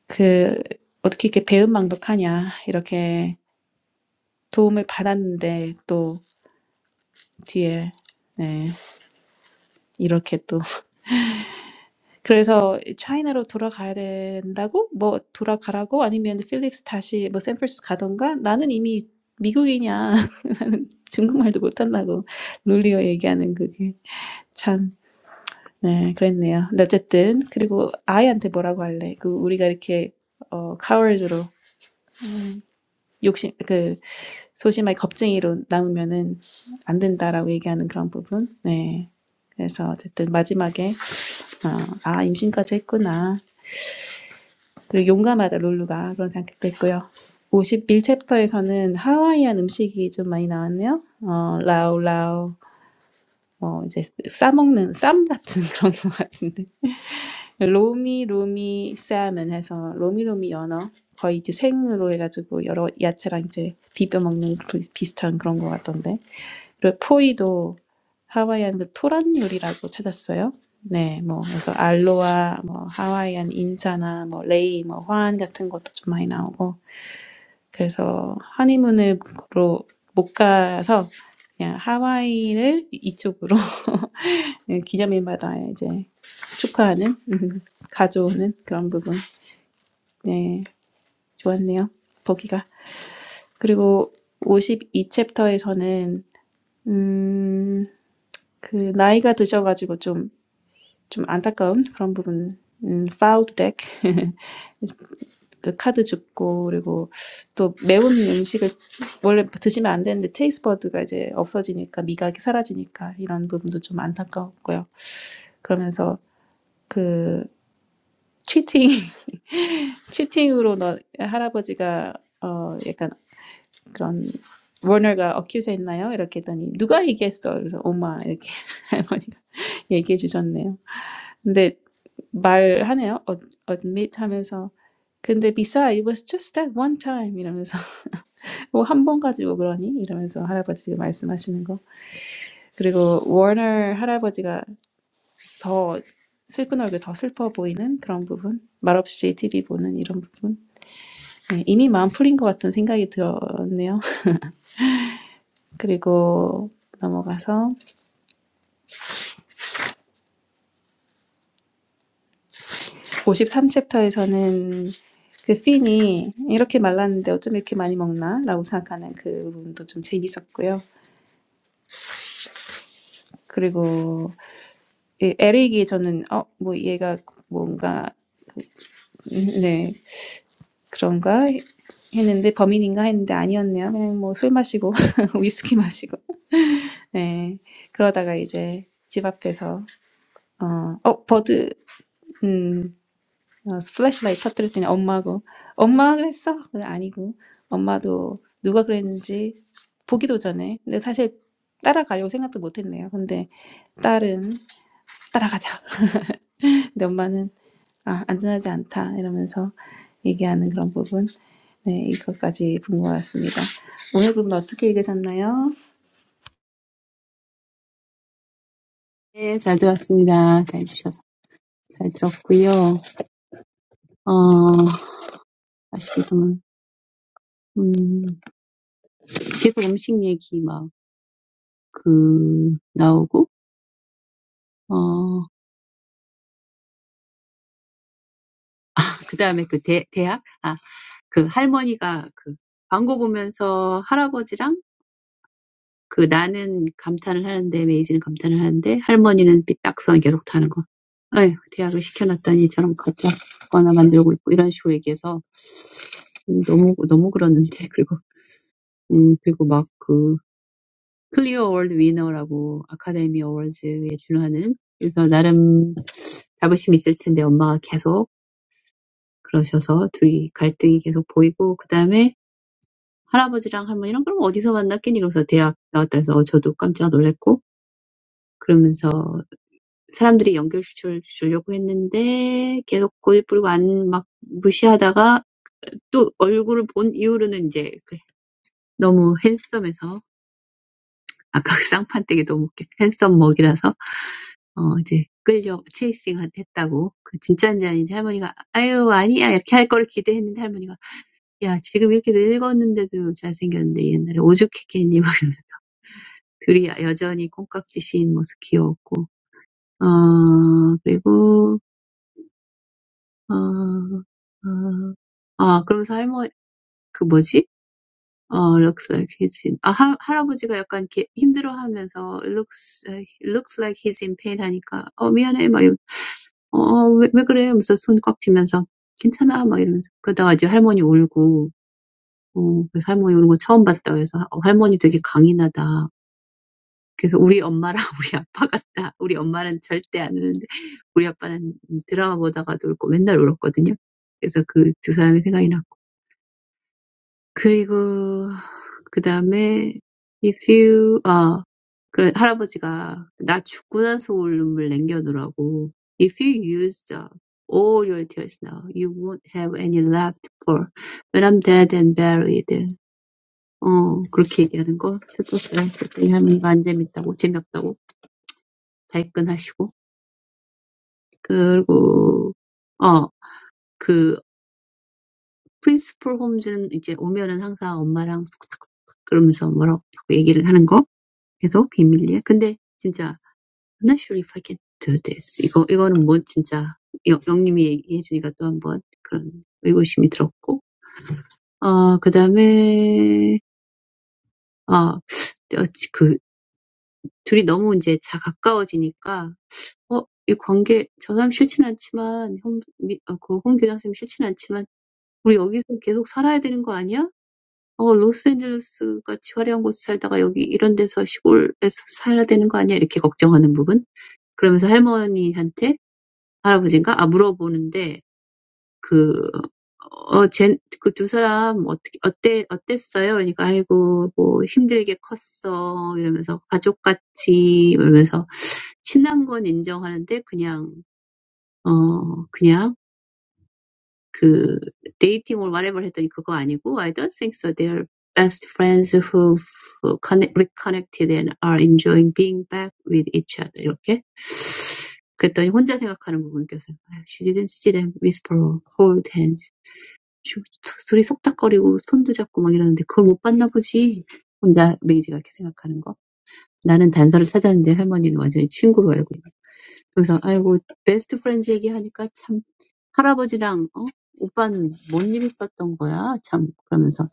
그 어떻게 이렇게 배은망덕하냐 이렇게 도움을 받았는데 또 뒤에 네 이렇게 또 그래서 차이나로 돌아가야 된다고 뭐 돌아가라고 아니면 필립스 다시 뭐 샌프란시스코 가던가 나는 이미 미국이냐 중국말도 못한다고 룰리오 얘기하는 그게 참 네 그랬네요 근데 어쨌든 그리고 아이한테 뭐라고 할래 그 우리가 이렇게 어 coward로 욕심 그, 소심하게 겁쟁이로 남으면은 안 된다라고 얘기하는 그런 부분. 네. 그래서 어쨌든 마지막에 아 임신까지 했구나. 그리고 용감하다 룰루가 그런 생각도 했고요. 51챕터에서는 하와이안 음식이 좀 많이 나왔네요. 어, 라우 라우 뭐 이제 싸먹는 쌈 같은 그런 것 같은데 로미 로미 쌈은 해서 로미 로미 연어 거의 이제 생으로 해가지고 여러 야채랑 이제 비벼 먹는 그 비슷한 그런 것 같던데 그리고 포이도 하와이안 그 토란 요리라고 찾았어요. 네, 뭐 그래서 알로아, 뭐 하와이안 인사나 뭐 레이, 뭐 화안 같은 것도 좀 많이 나오고 그래서 허니문으로 못 가서 그냥 하와이를 이쪽으로 네, 기념일마다 이제 축하하는 음, 가져오는 그런 부분. 네, 좋았네요. 거기가. 그리고 52 챕터에서는 음, 그 나이가 드셔가지고 좀 좀 안타까운 그런 부분. 음, 파우드 덱, 그 카드 줍고, 그리고 또 매운 음식을 원래 드시면 안 되는데 테이스버드가 이제 없어지니까 미각이 사라지니까 이런 부분도 좀 안타까웠고요. 그러면서 그 치팅, 치팅으로 너 할아버지가 어 약간 그런 워너가 어큐즈 했나요? 이렇게 했더니 누가 얘기했어? 그래서 엄마 이렇게 할머니가 얘기해 주셨네요. 근데 말하네요. Ad- admit 하면서 근데 besides it was just that one time 이러면서 뭐 한 번 가지고 그러니 이러면서 할아버지 말씀하시는 거 그리고 워너 할아버지가 더 슬픈 얼굴 더 슬퍼 보이는 그런 부분 말없이 TV 보는 이런 부분 네, 이미 마음 풀린 것 같은 생각이 들었네요. 그리고 넘어가서 53챕터에서는 그 씬이 이렇게 말랐는데 어쩜 이렇게 많이 먹나? 라고 생각하는 그 부분도 좀 재밌었고요. 그리고 이 에릭이 저는 어, 뭐 얘가 뭔가 음, 네 그런가 했는데 범인인가 했는데 아니었네요. 그냥 뭐 술 마시고 위스키 마시고 네 그러다가 이제 집 앞에서 어, 어 버드 음 어, 플래시라이트 터뜨렸더니 엄마고 엄마가 그랬어? 그거 아니고 엄마도 누가 그랬는지 보기도 전에 근데 사실 따라가려고 생각도 못했네요. 근데 딸은 따라가자. 근데 엄마는 아, 안전하지 않다 이러면서 얘기하는 그런 부분 네 이것까지 본 것 같습니다. 오늘 그럼 어떻게 읽으셨나요? 네, 잘 들었습니다. 잘 주셔서. 잘 들었고요. 어, 아쉽게도, 음, 계속 음식 얘기 막, 그, 나오고, 어, 그 다음에 그 대, 대학? 그 할머니가 그 광고 보면서 할아버지랑 그 나는 감탄을 하는데 메이지는 감탄을 하는데 할머니는 삐딱선 계속 타는 거. 에휴, 대학을 시켜놨다니 저런 가짜 거나 만들고 있고 이런 식으로 얘기해서 음, 너무 너무 그러는데 그리고 음 그리고 막 그 클리어 월드 위너라고 아카데미 어워즈에 준하는 그래서 나름 자부심이 있을 텐데 엄마가 계속 그러셔서 둘이 갈등이 계속 보이고 그다음에 할아버지랑 할머니랑 그럼 어디서 만났겠니? 그래서 대학 나왔다 해서 어, 저도 깜짝 놀랐고 그러면서 사람들이 연결시켜 주려고 했는데 계속 고집 부리고 안 막 무시하다가 또 얼굴을 본 이후로는 이제 그 너무 핸섬해서 아까 그 쌍판댁이 너무 웃겨. 핸섬 먹이라서 어 이제 끌려 체이싱 했다고 그 진짜인지 아닌지 할머니가 아유 아니야 이렇게 할 거를 기대했는데 할머니가 야 지금 이렇게 늙었는데도 잘생겼는데 옛날에 오죽했겠니 막 둘이 여전히 콩깍지씌인 모습 귀여웠고, 어, 그리고, 어, 어, 아, 그러면서 할머, 그 뭐지? 어, looks like he's in, 아, 할, 할아버지가 약간 이렇게 힘들어 하면서, looks, looks like he's in pain 하니까, 어, 미안해, 막, 이러, 어, 어, 왜, 왜 그래? 하면서 손 꽉 쥐면서, 괜찮아, 막 이러면서. 그러다가 이제 할머니 울고, 어, 그래서 할머니 울고 처음 봤다. 그래서, 어, 할머니 되게 강인하다. 그래서 우리 엄마랑 우리 아빠 같다. 우리 엄마는 절대 안 우는데 우리 아빠는 드라마 보다가도 울고 맨날 울었거든요. 그래서 그 두 사람이 생각이 났고. 그리고 그다음에 if you 아, 그 할아버지가 나 죽고 나서 울 눈물 남겨놓으라고 if you used up all your tears now you won't have any left for when I'm dead and buried. 어, 그렇게 얘기하는 거 슬펐어요. 그랬더니 할머니가 안 재밌다고 재미없다고 발끈하시고 그리고 어, 그 프린스풀 홈즈는 이제 오면은 항상 엄마랑 툭툭툭 그러면서 뭐라고 얘기를 하는 거 계속 비밀리에. 근데 진짜 I'm not sure if I can do this. 이거 이거는 뭐 진짜 영- 영님이 얘기해 주니까 또 한번 그런 의구심이 들었고. 어, 그다음에 아, 어그 둘이 너무 이제 자 가까워지니까 어, 이 관계 저 사람 싫진 않지만 홍, 미, 어, 그 홍규장 선생님 싫진 않지만 '우리 여기서 계속 살아야 되는 거 아니야? 어 로스앤젤레스 같이 화려한 곳에 살다가 여기 이런 데서 시골에서 살아야 되는 거 아니야?' 이렇게 걱정하는 부분. 그러면서 할머니한테 할아버지인가? 아 물어보는데 그어쟨그두 사람 어떻게 어때 어땠어요? 그러니까 "아이고 뭐 힘들게 컸어." 이러면서 "가족같이." 이러면서 친한 건 인정하는데 그냥 어 그냥 그 dating or whatever 했더니 그거 아니고 I don't think so. They're best friends who connect, reconnected and are enjoying being back with each other. 이렇게 그랬더니 혼자 생각하는 부분 껴서 She didn't see them whisper or hold hands. 둘이 속닥거리고 손도 잡고 막 이러는데 그걸 못 봤나 보지. 혼자 메이지가 이렇게 생각하는 거. 나는 단서를 찾았는데 할머니는 완전히 친구로 알고 있다. 그래서 아이고 베스트 프렌즈 얘기하니까 참 할아버지랑 어? 오빠는 뭔 일 있었던 거야? 참 그러면서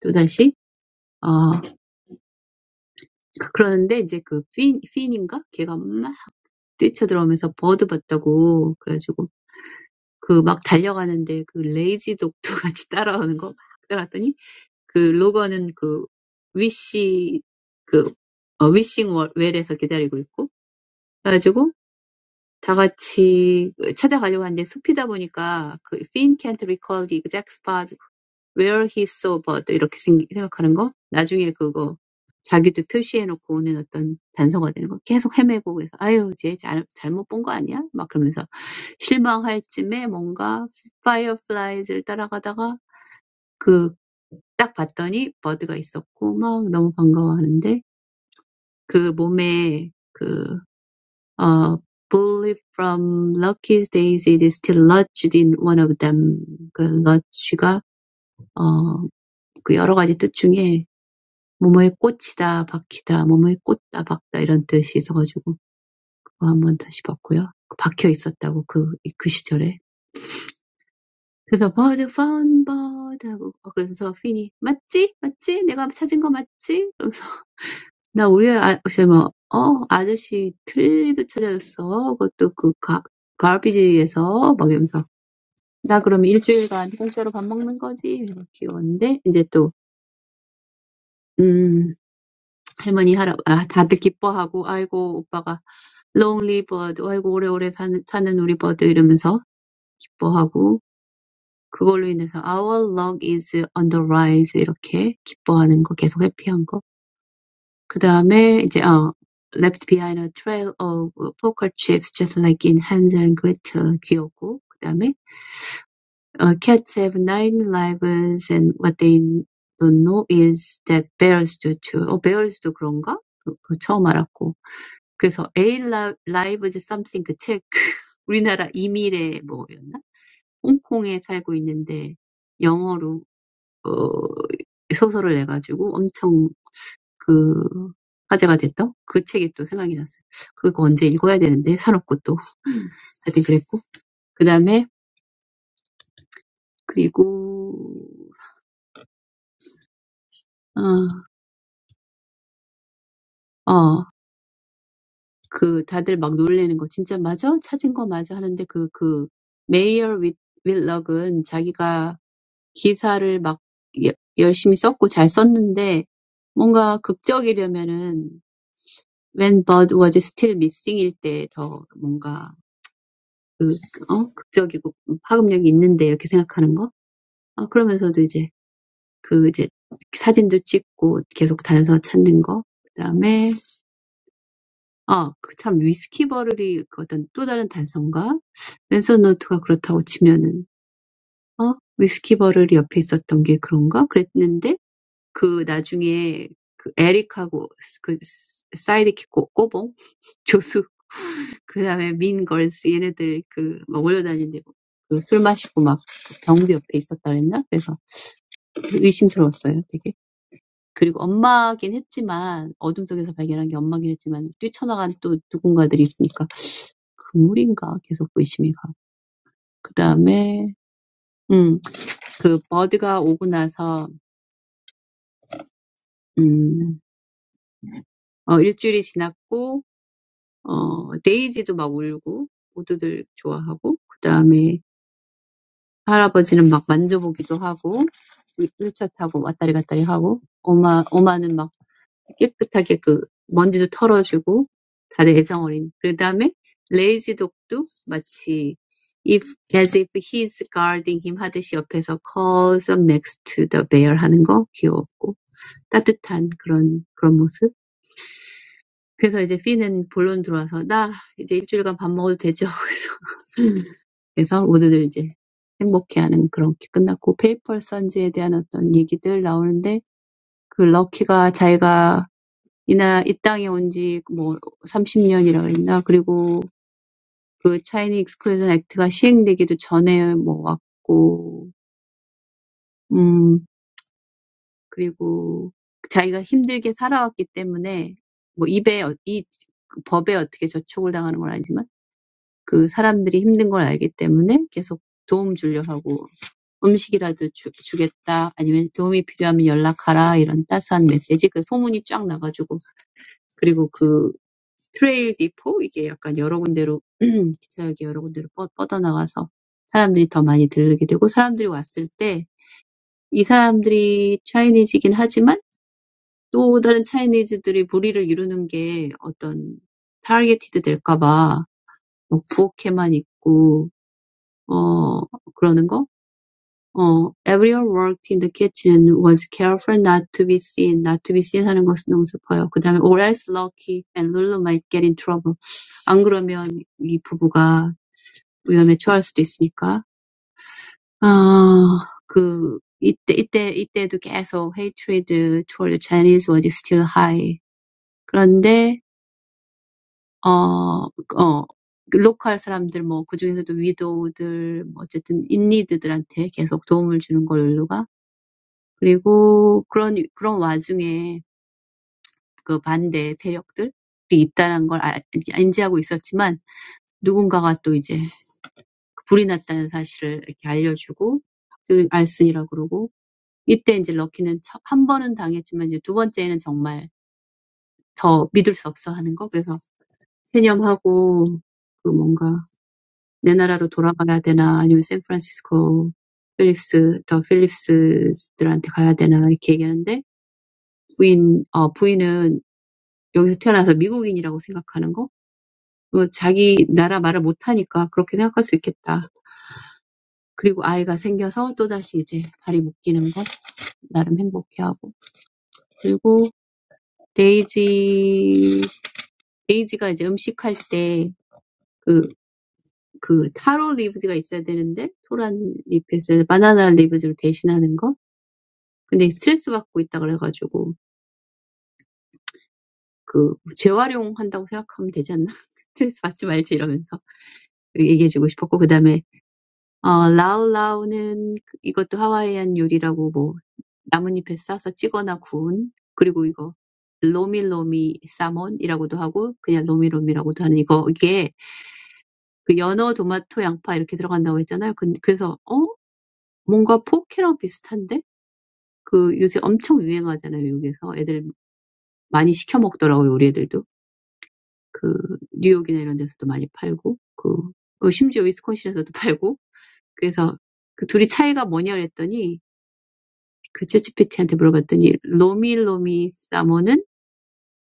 또다시 어 그러는데 이제 그 핀, 핀인가? 걔가 막 뛰쳐들어오면서 버드 봤다고 그래가지고 그 막 달려가는데 그 레이지 독도 같이 따라오는 거막 따라왔더니 그 로건은 그 위시 그 어, 위싱 월- 웰에서 기다리고 있고 그래가지고 다 같이 찾아가려고 하는데 숲이다 보니까 그 Finn can't recall the exact spot where he saw bird 이렇게 생- 각하는거 나중에 그거 자기도 표시해놓고 오는 어떤 단서가 되는 거 계속 헤매고 그래서 아유 쟤 잘, 잘못 본 거 아니야? 막 그러면서 실망할 쯤에 뭔가 fireflies를 따라가다가 그 딱 봤더니 버드가 있었고 막 너무 반가워하는데 그 몸에 그어 bullet from Lucky's days is still lodged in one of them 그 lodge가 어그 여러 가지 뜻 중에 뭐뭐에 꽂히다 박히다 뭐뭐에 꽂다 박다 이런 뜻이 있어가지고 그거 한번 다시 봤고요. 그 박혀 있었다고 그, 그 시절에. 그래서 버드 펀 버드 하고 어, 그래서 핀이 맞지 맞지 내가 찾은 거 맞지? 그래서 나 우리 아저 뭐어 아저씨 틀도 리 찾아줬어 그것도 그 가, 가비지에서 막 이러면서 나 그러면 일주일간 공짜로 밥 먹는 거지 이렇게 귀여운데 이제 또 음, 할머니, 할아, 아, 다들 기뻐하고, 아이고, 오빠가 Long live r d 아이고 오래오래 사는, 사는 우리 버드 이러면서 기뻐하고 그걸로 인해서 our luck is on the rise 이렇게 기뻐하는 거 계속 해피한 거. 그 다음에 이제 어 left behind a trail of poker chips just like in Hansel and Gretel 귀엽고 그 다음에 uh, cats have nine lives and what they don't know is that bears do too. 어 bears도 그런가? 그, 그 처음 알았고 그래서 A Live is Something 그 책, 우리나라 이미래 뭐였나? 홍콩에 살고 있는데 영어로 어, 소설을 내가지고 엄청 그 화제가 됐던 그 책이 또 생각이 났어요. 그거 언제 읽어야 되는데 사놓고 또 하여튼 그랬고 그 다음에 그리고 어, 어, 그 다들 막 놀래는 거 진짜 맞아? 찾은 거 맞아? 하는데 그, 그 메이어 윌- 윌럭은 자기가 기사를 막 여- 열심히 썼고 잘 썼는데 뭔가 극적이려면은 When Bird Was Still Missing일 때더 뭔가 그, 어? 극적이고 파급력이 있는데 이렇게 생각하는 거? 아, 그러면서도 이제 그 이제 사진도 찍고 계속 단서 찾는 거. 그다음에 아, 그참 위스키 버럴이 그 어떤 또 다른 단서인가? 랜선 노트가 그렇다고 치면은 어? 위스키 버럴이 옆에 있었던 게 그런가? 그랬는데 그 나중에 그 에릭하고 그 사이드킥 꼬- 꼬봉 조수 그다음에 민걸스 얘네들 그막 몰려다니는데 그술 마시고 막 경비 옆에 있었다 그랬나? 그래서 의심스러웠어요, 되게. 그리고 엄마긴 했지만 어둠 속에서 발견한 게 엄마긴 했지만 뛰쳐나간 또 누군가들이 있으니까 그물인가 계속 의심이 가고. 그다음에 음, 그 버드가 오고 나서 음, 어, 일주일이 지났고 어, 데이지도 막 울고, 모두들 좋아하고, 그 다음에 할아버지는 막 만져보기도 하고, 일- 일차 타고 왔다리 갔다리 하고, 엄마, 엄마는 막 깨끗하게 그 먼지도 털어주고, 다들 애정 어린. 그 다음에 레이지 독도 마치 if, as if he's guarding him 하듯이 옆에서 curls up next to the bear 하는 거 귀여웠고, 따뜻한 그런, 그런 모습. 그래서 이제 피는 본론 들어와서, 나 이제 일주일간 밥 먹어도 되죠? 그래서 오늘 이제 행복해하는 그렇게 끝났고 페이퍼 선즈에 대한 어떤 얘기들 나오는데 그 럭키가 자기가 이나 이 땅에 온지뭐 30년이라 고했나 그리고 그 차이니 익스클루전 액트가 시행되기도 전에 뭐 왔고 음 그리고 자기가 힘들게 살아왔기 때문에 뭐 입에 어- 이 그 법에 어떻게 저촉을 당하는 건 아니지만 그 사람들이 힘든 걸 알기 때문에 계속 도움 주려고 하고 음식이라도 주, 주겠다. 아니면 도움이 필요하면 연락하라. 이런 따스한 메시지. 그 소문이 쫙 나가지고. 그리고 그 트레일 디포? 이게 약간 여러 군데로, 기차역이 여러 군데로 뻗, 뻗어나가서 사람들이 더 많이 들르게 되고, 사람들이 왔을 때, 이 사람들이 차이니즈이긴 하지만, 또 다른 차이니즈들이 무리를 이루는 게 어떤 타겟이 될까봐, 뭐 부엌에만 있고, 어, 그러는 거? 어, everyone worked in the kitchen and was careful not to be seen. not to be seen 하는 것은 너무 슬퍼요. 그 다음에 or else Lucky and Lulu might get in trouble. 안 그러면 이 부부가 위험에 처할 수도 있으니까. 아, 그, 이때, 이때, 이때도 계속 hatred toward the Chinese was still high. 그런데, 어, 어, 그 로컬 사람들, 뭐, 그중에서도 위도우들, 뭐, 어쨌든, 인니드들한테 계속 도움을 주는 걸로가 그리고 그런, 그런 와중에 그 반대 세력들이 있다는 걸 알- 인지하고 있었지만 누군가가 또 이제 그 불이 났다는 사실을 이렇게 알려주고 알슨이라고 그러고 이때 이제 럭키는 한 번은 당했지만 이제 두 번째는 정말 더 믿을 수 없어 하는 거 그래서 체념하고 그 뭔가 내 나라로 돌아가야 되나 아니면 샌프란시스코 필립스 더 필립스들한테 가야 되나 이렇게 얘기하는데 부인 어 부인은 여기서 태어나서 미국인이라고 생각하는 거? 어, 자기 나라 말을 못하니까 그렇게 생각할 수 있겠다. 그리고 아이가 생겨서 또다시 이제 발이 묶이는 것 나름 행복해하고. 그리고 데이지, 데이지가 이제 음식할 때 그, 그 타로 리브즈가 있어야 되는데 토란 리프에서 바나나 리브즈로 대신하는 거? 근데 스트레스 받고 있다 그래가지고 그 재활용한다고 생각하면 되지 않나? 스트레스 받지 말지 이러면서 얘기해주고 싶었고 그 다음에 어, 라우라우는 그- 이것도 하와이안 요리라고 뭐 나뭇잎에 싸서 찌거나 구운 그리고 이거 로미로미 사몬이라고도 하고 그냥 로미로미라고도 하는 이거 이게 그 연어, 토마토, 양파 이렇게 들어간다고 했잖아요. 근- 그래서 어 뭔가 포케랑 비슷한데 그 요새 엄청 유행하잖아요 미국에서 애들 많이 시켜 먹더라고요 우리 애들도 그 뉴욕이나 이런 데서도 많이 팔고 그 어, 심지어 위스콘신에서도 팔고 그래서 그 둘이 차이가 뭐냐 그랬더니 그챗 g 피티한테 물어봤더니 로미로미 사모는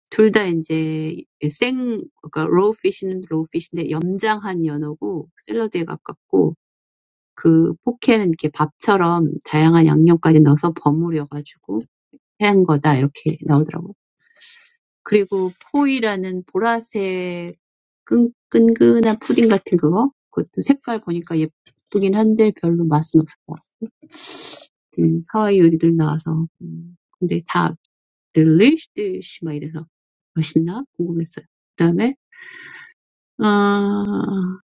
둘 다 이제 생 그러니까 로우피쉬는로우피쉬인데 염장한 연어고 샐러드에 가깝고 그 포케는 이렇게 밥처럼 다양한 양념까지 넣어서 버무려가지고 한 거다 이렇게 나오더라고. 그리고 포이라는 보라색 끈, 끈끈한 푸딩 같은 그거 그것도 색깔 보니까 예쁘긴 한데 별로 맛은 없을 것 같은 하와이 요리들 나와서 음, 근데 다 delicious 막 이래서 맛있나 궁금했어요. 그다음에 아그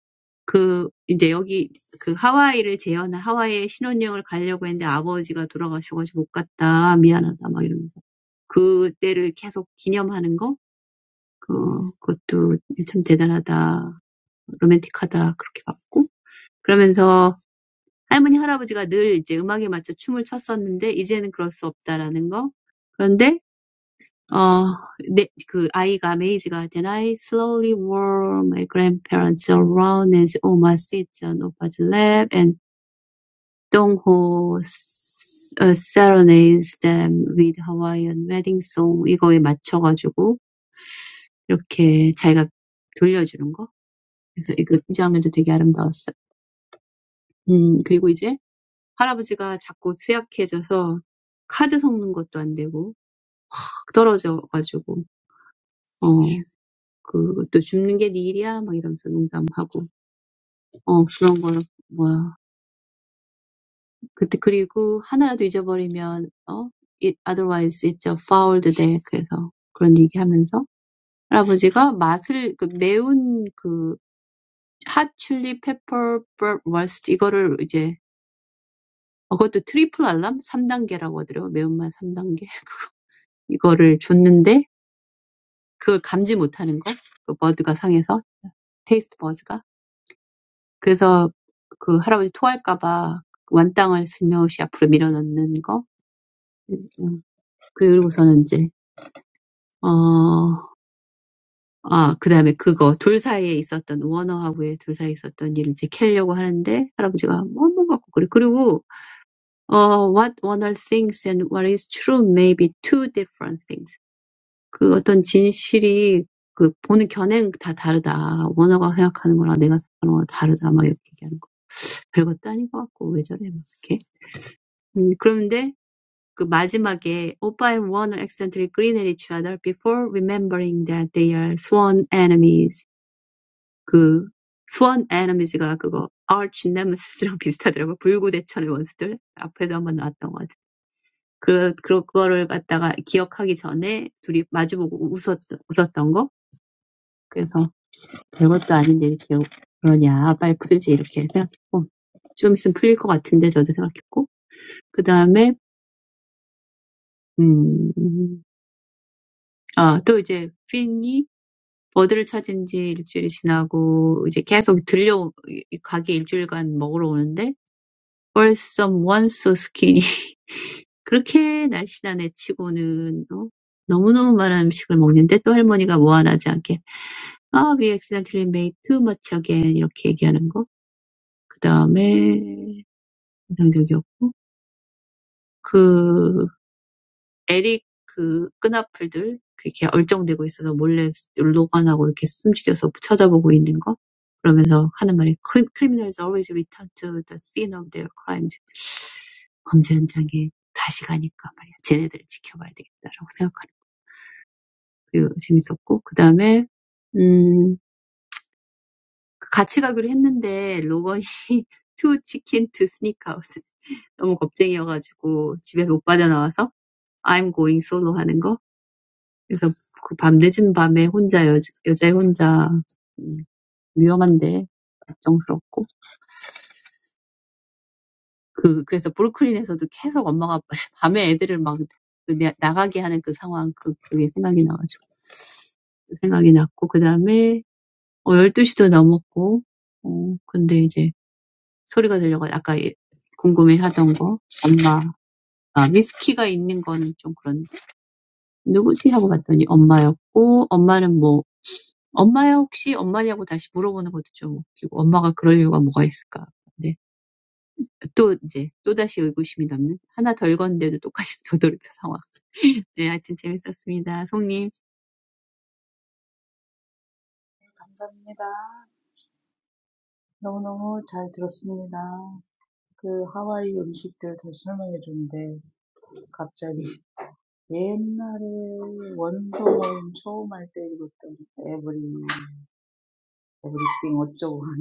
이제 여기 그 하와이를 재현한 하와이에 신혼여행을 가려고 했는데 아버지가 돌아가셔가지고 못 갔다 미안하다 막 이러면서 그때를 계속 기념하는 거 그, 그것도 참 대단하다 로맨틱하다 그렇게 봤고 그러면서 할머니 할아버지가 늘 이제 음악에 맞춰 춤을 췄었는데 이제는 그럴 수 없다라는 거 그런데 어, 네, 그 아이가 메이지가 Then I slowly w o r e my grandparents around as Oma sits on Opa's lap and Dongho s- uh, serenades them with Hawaiian wedding song 이거에 맞춰가지고 이렇게 자기가 돌려주는 거 그래서 이거 이 장면도 되게 아름다웠어요. 음 그리고 이제 할아버지가 자꾸 쇠약해져서 카드 섞는 것도 안 되고 확 떨어져가지고 어, 그것도 줍는 게네 일이야? 막 이러면서 농담하고. 어 그런 걸 뭐야. 그때 그리고 하나라도 잊어버리면 어 it otherwise it's a foul day. 그래서 그런 얘기하면서 할아버지가 맛을 그 매운 그 핫 칠리 페퍼 버스트 이거를 이제 어, 그것도 트리플 알람 3단계라고 하더라고요. 매운맛 3단계. 이거를 줬는데 그걸 감지 못하는 거. 그 버드가 상해서 테이스트 버즈가. 그래서 그 할아버지 토할까 봐 완땅을 슬며시 앞으로 밀어넣는 거. 음, 음. 그리고서는 이제 어, 아, 그다음에 그거 둘 사이에 있었던 워너하고의 둘 사이에 있었던 일을 이제 캐려고 하는데 할아버지가 뭐뭐 가고 그래. 그리고 어, what Warner thinks and what is true may be two different things. 그 어떤 진실이 그 보는 견해는 다 다르다. 워너가 생각하는 거랑 내가 생각하는 거랑 다르다. 막 이렇게 얘기하는 거. 별것도 아닌 것 같고 왜 저래 막 이렇게. 음, 그런데 그 마지막에 오빠의 원을 액센트 grin at each other before remembering that they are sworn enemies. 그 sworn enemies가 그거 arch nemesis랑 비슷하더라고요. 불구대천의 원수들. 앞에도 한번 나왔던 것 같아요. 그, 그거를 갖다가 기억하기 전에 둘이 마주보고 웃었, 웃었던 거. 그래서 별것도 아닌데 이렇게 그러냐. 빨리 풀지 이렇게 생각했고. 좀 있으면 풀릴 것 같은데 저도 생각했고. 그 다음에 음, 아, 또 이제 핀이 어디를 찾은 지 일주일이 지나고 이제 계속 들려 가게 일주일간 먹으러 오는데 벌써 원소 스키니 그렇게 날씬한 애 치고는 어? 너무너무 많은 음식을 먹는데 또 할머니가 무안하지 않게 아, we accidentally made too much again 이렇게 얘기하는 거. 그 다음에 인상적이었고 그 에릭 그끈앞풀들 이렇게 얼쩡대고 있어서 몰래 로건하고 이렇게 숨죽여서 쳐다보고 있는 거 그러면서 하는 말이 "Crim- i n a l s always return to the scene of their crimes. 범죄 현장에 다시 가니까 말이야. 쟤네들을 지켜봐야 되겠다라고 생각하는 거. 그 재밌었고 그 다음에 음 같이 가기로 했는데 로건이 too chicken to sneak out 너무 겁쟁이여가지고 집에서 못 빠져나와서 I'm going solo 하는 거 그래서 그밤 늦은 밤에 혼자 여, 여자애 혼자 음, 위험한데 걱정스럽고 그 그래서 브루클린에서도 계속 엄마가 밤에 애들을 막 그 나- 가게 하는 그 상황 그 그게 생각이 나가지고 생각이 났고 그 다음에 어, 12시도 넘었고 어 근데 이제 소리가 들려가지고 아까 예- 궁금해하던 거 엄마 아 위스키가 있는 건 좀 그런 누구지 하고 봤더니 엄마였고 엄마는 뭐 엄마야 혹시 엄마냐고 다시 물어보는 것도 좀 웃기고 엄마가 그럴 이유가 뭐가 있을까. 네. 또 이제 또다시 의구심이 남는 하나 덜 건데도 똑같이 도돌이표 상황. 네, 하여튼 재밌었습니다. 송님 Very, very well. I heard. The Hawaiian food stories, but suddenly, the old days, when I first did everything, everything, everything, how to do that.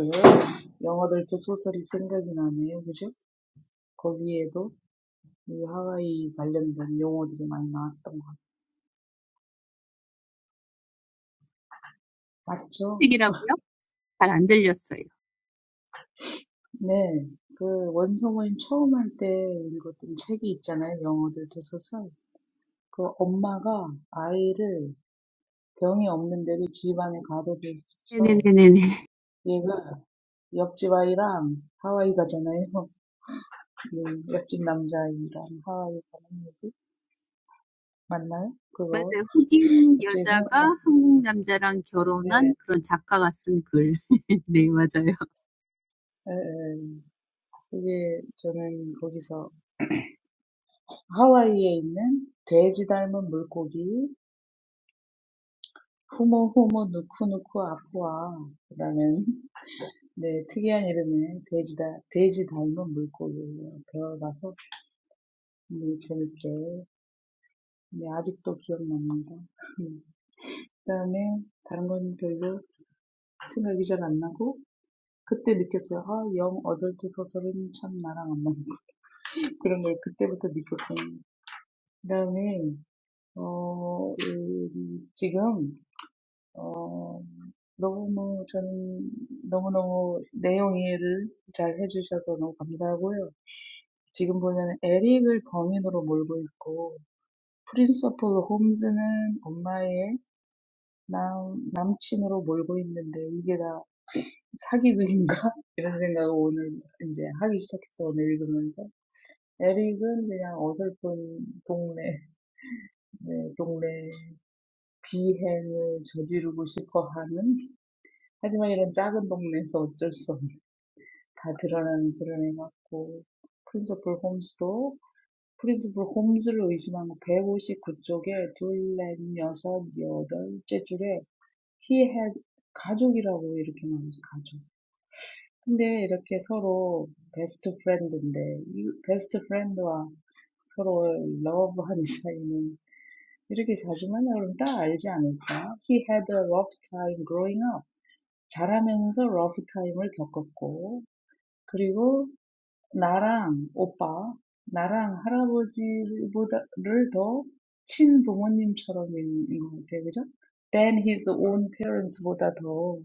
English novels come to mind. You know, there were a lot of English words related to Hawaii. Right? 책이라고요? 잘 안 들렸어요. 네, 그 원서모임 처음 할 때 읽었던 책이 있잖아요. 영어들 도서서. 그 엄마가 아이를 병이 없는데도 집안에 가둬둬서 네네네네네. 얘가 옆집 아이랑 하와이 가잖아요. 네, 옆집 남자아이랑 하와이 가는 얘기 맞나요? 그거 맞아요. 흑인 갑자기 생각나. 여자가 한국 남자랑 네, 결혼한 그런 작가가 쓴 글. 네, 맞아요. 예, 예. 그게 저는 거기서 하와이에 있는 돼지 닮은 물고기 후모 후모 후모후모 누쿠누쿠아쿠아 라는 네, 특이한 이름의 돼지, 다, 돼지 닮은 물고기를 배워가서 오늘 재밌게 네, 아직도 기억납니다. 그다음에 다른 건 별로 생각이 잘안 나고 그때 느꼈어요. 아, 영 어덜트 소설은 참 나랑 안 맞는 그런 걸 그때부터 느꼈고 그다음에 어, 음, 지금 어, 너무 저는 너무너무 내용 이해를 잘 해주셔서 너무 감사하고요. 지금 보면 에릭을 범인으로 몰고 있고, 프린서플 홈즈는 엄마의 남, 남친으로 몰고 있는데 이게 다 사기극인가? 이런 생각을 오늘 이제 하기 시작했어, 오늘 읽으면서. 에릭은 그냥 어설픈 동네, 네, 동네 비행을 저지르고 싶어 하는, 하지만 이런 작은 동네에서 어쩔 수 없는 다 드러나는 드러내 드러내놨고 프린시플 홈스도 프린시플 홈즈를 의심한 거 백오십구 쪽에 둘, 넷, 여섯, 여덟째 줄에 he had 가족이라고 이렇게 나오죠 가족 근데 이렇게 서로 베스트 프렌드인데 이 베스트 프렌드와 서로 러브하는 사이는 이렇게 자주 만나면 딱 알지 않을까? He had a rough time growing up. 자라면서 rough time을 겪었고, 그리고 나랑 오빠, 나랑 할아버지보다를 더 친부모님처럼 것 같아요. 그죠? Than his own parents보다 더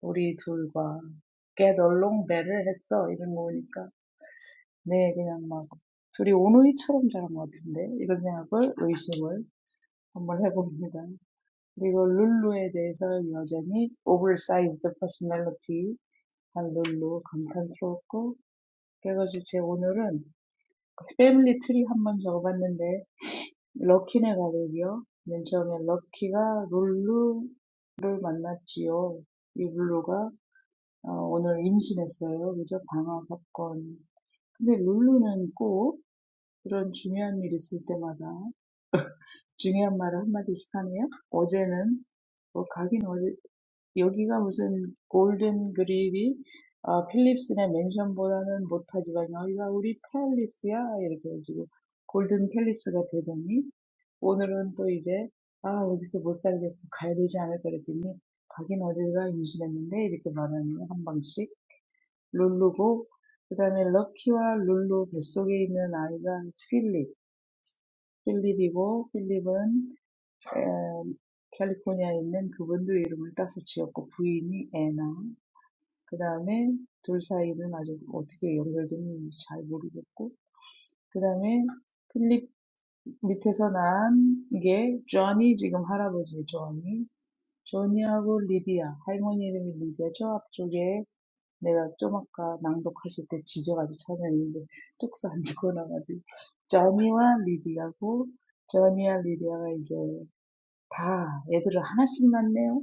우리 둘과 get along better 했어. 이런 거 보니까. 네, 그냥 막 둘이 오누이처럼 자란 것 같은데. 이런 생각을, 의심을 한번 해봅니다. 그리고 룰루에 대해서 여전히 oversized personality 한 룰루 감탄스럽고 그래가지고 제 오늘은 패밀리 트리 한 번 적어봤는데 럭키네 가족이요. 맨 처음에 럭키가 룰루를 만났지요. 이 룰루가 어, 오늘 임신했어요. 그죠? 방화 사건. 근데 룰루는 꼭 그런 중요한 일 있을 때마다 중요한 말을 한마디씩 하네요. 어제는 뭐 가긴 어제 여기가 무슨 골든 그립이 아, 필립스네 맨션보다는 못하지만 여기가 우리 팰리스야 이렇게 해가지고 골든 팰리스가 되더니 오늘은 또 이제 아 여기서 못 살겠어 가야 되지 않을까 그랬더니 가긴 어딜가 임신했는데 이렇게 말하는 한 방씩 룰루고 그 다음에 럭키와 룰루 뱃속에 있는 아이가 필립 필립이고 필립은 에, 캘리포니아에 있는 그분도 이름을 따서 지었고 부인이 애나 그 다음에 둘 사이는 아직 어떻게 연결됐는지 잘 모르겠고, 그 다음에 필립 밑에서 난 이게 조니 지금 할아버지 조니, 조니하고 리디아 할머니 이름이 리디아 저 앞쪽에 내가 좀 아까 낭독하실 때 지져가지고 찾아냈는데 뚝서 안 적어놔가지고 조니와 리디아고 조니와 리디아가 이제 다 애들을 하나씩 낳네요.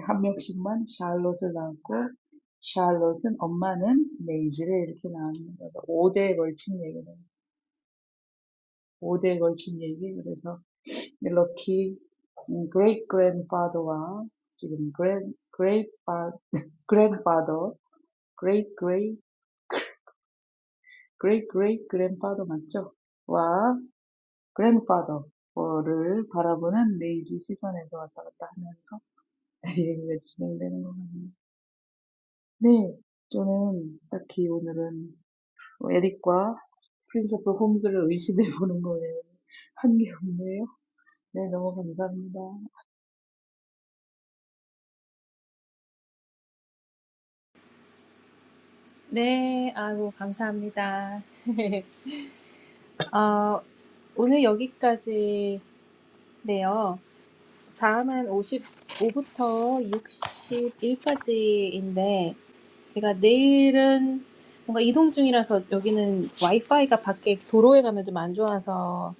합력식만 샬롯을 낳고 샬롯은 엄마는 네 이스라엘을 낳는 거죠. 5대에 걸친 얘기네요. 5대에 걸친 얘기. 그래서 이렇게 great grandfather와 지금 grand great fa- grandfather, great great great great grandfather 맞죠? 와 grandfather를 바라보는 레이지 시선에서 왔다 갔다 하면서 얘기가 진행되는 것 같네요. 네, 저는 딱히 오늘은 에릭과 크리스토퍼 홈스를 의심해 보는 거예요. 한 한게 없네요. 네, 너무 감사합니다. 네, 아이고, 감사합니다. 어, 오늘 여기까지네요. 다음은 55부터 61까지인데 제가 내일은 뭔가 이동 중이라서 여기는 와이파이가 밖에 도로에 가면 좀 안 좋아서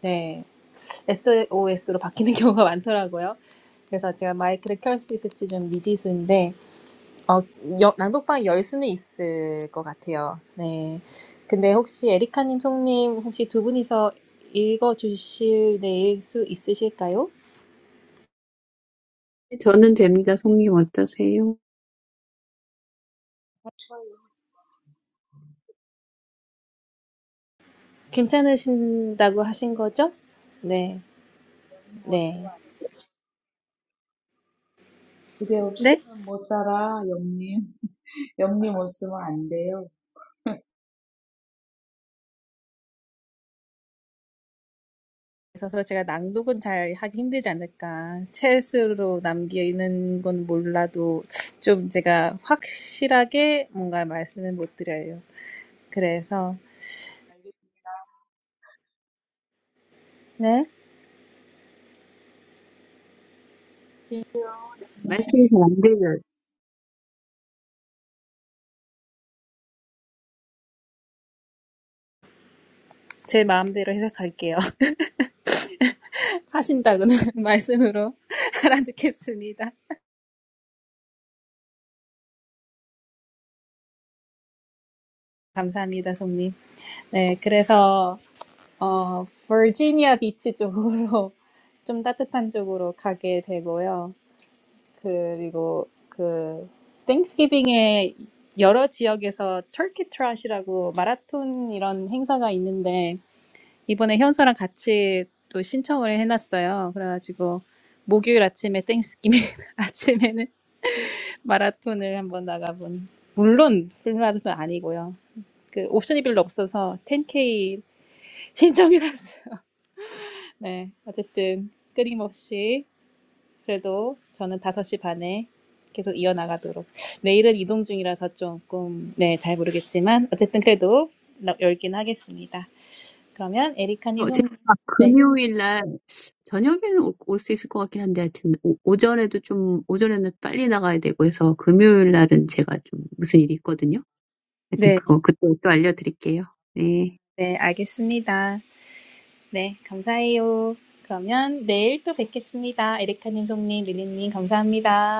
네 SOS로 바뀌는 경우가 많더라고요. 그래서 제가 마이크를 켤 수 있을지 좀 미지수인데 어, 여- 낭독방 열 수는 있을 것 같아요. 네. 근데 혹시 에리카님, 송님 혹시 두 분이서 읽어주실 내일 수 있으실까요? 저는 됩니다. 송님 어떠세요? 추워요. 괜찮으신다고 하신 거죠? 네, 영님 없으면 네, 안 돼. 그대 네. 없이는 못 살아, 영님. 영님 없으면 안 돼요. 그래서 제가 낭독은 잘 하기 힘들지 않을까. 책으로 남기는 건 몰라도 좀 제가 확실하게 뭔가 말씀을 못 드려요. 그래서 네, 알겠게요, 영님. 말씀이 잘안 들려요. 제 마음대로 해석할게요. 하신다고는 말씀으로 알아듣겠습니다. 감사합니다, 송님. 네, 그래서 어, 버지니아 비치 쪽으로 좀 따뜻한 쪽으로 가게 되고요. 그리고 그 땡스기빙에 여러 지역에서 터키 트롯이라고 마라톤 이런 행사가 있는데 이번에 현서랑 같이 또 신청을 해놨어요. 그래가지고 목요일 아침에 땡스기빙 아침에는 마라톤을 한번 나가본 물론 풀마라톤 아니고요. 그 옵션이 별로 없어서 10K 신청해놨어요. 네, 어쨌든 끊임없이 그래도 저는 5시 반에 계속 이어나가도록 내일은 이동 중이라서 조금 네, 잘 모르겠지만 어쨌든 그래도 나- 열긴 하겠습니다. 그러면 에리카님 저 송 제가 네, 금요일 날 저녁에는 올 수 있을 것 같긴 한데 하여튼 오, 오전에도 좀 오전에는 빨리 나가야 되고 해서 금요일 날은 제가 좀 무슨 일이 있거든요. 하여튼 네, 그거 그때 또 알려드릴게요. 네. 네, 알겠습니다. 네, 감사해요. 그러면 내일 또 뵙겠습니다. 에리카님, 송님, 릴리님 감사합니다.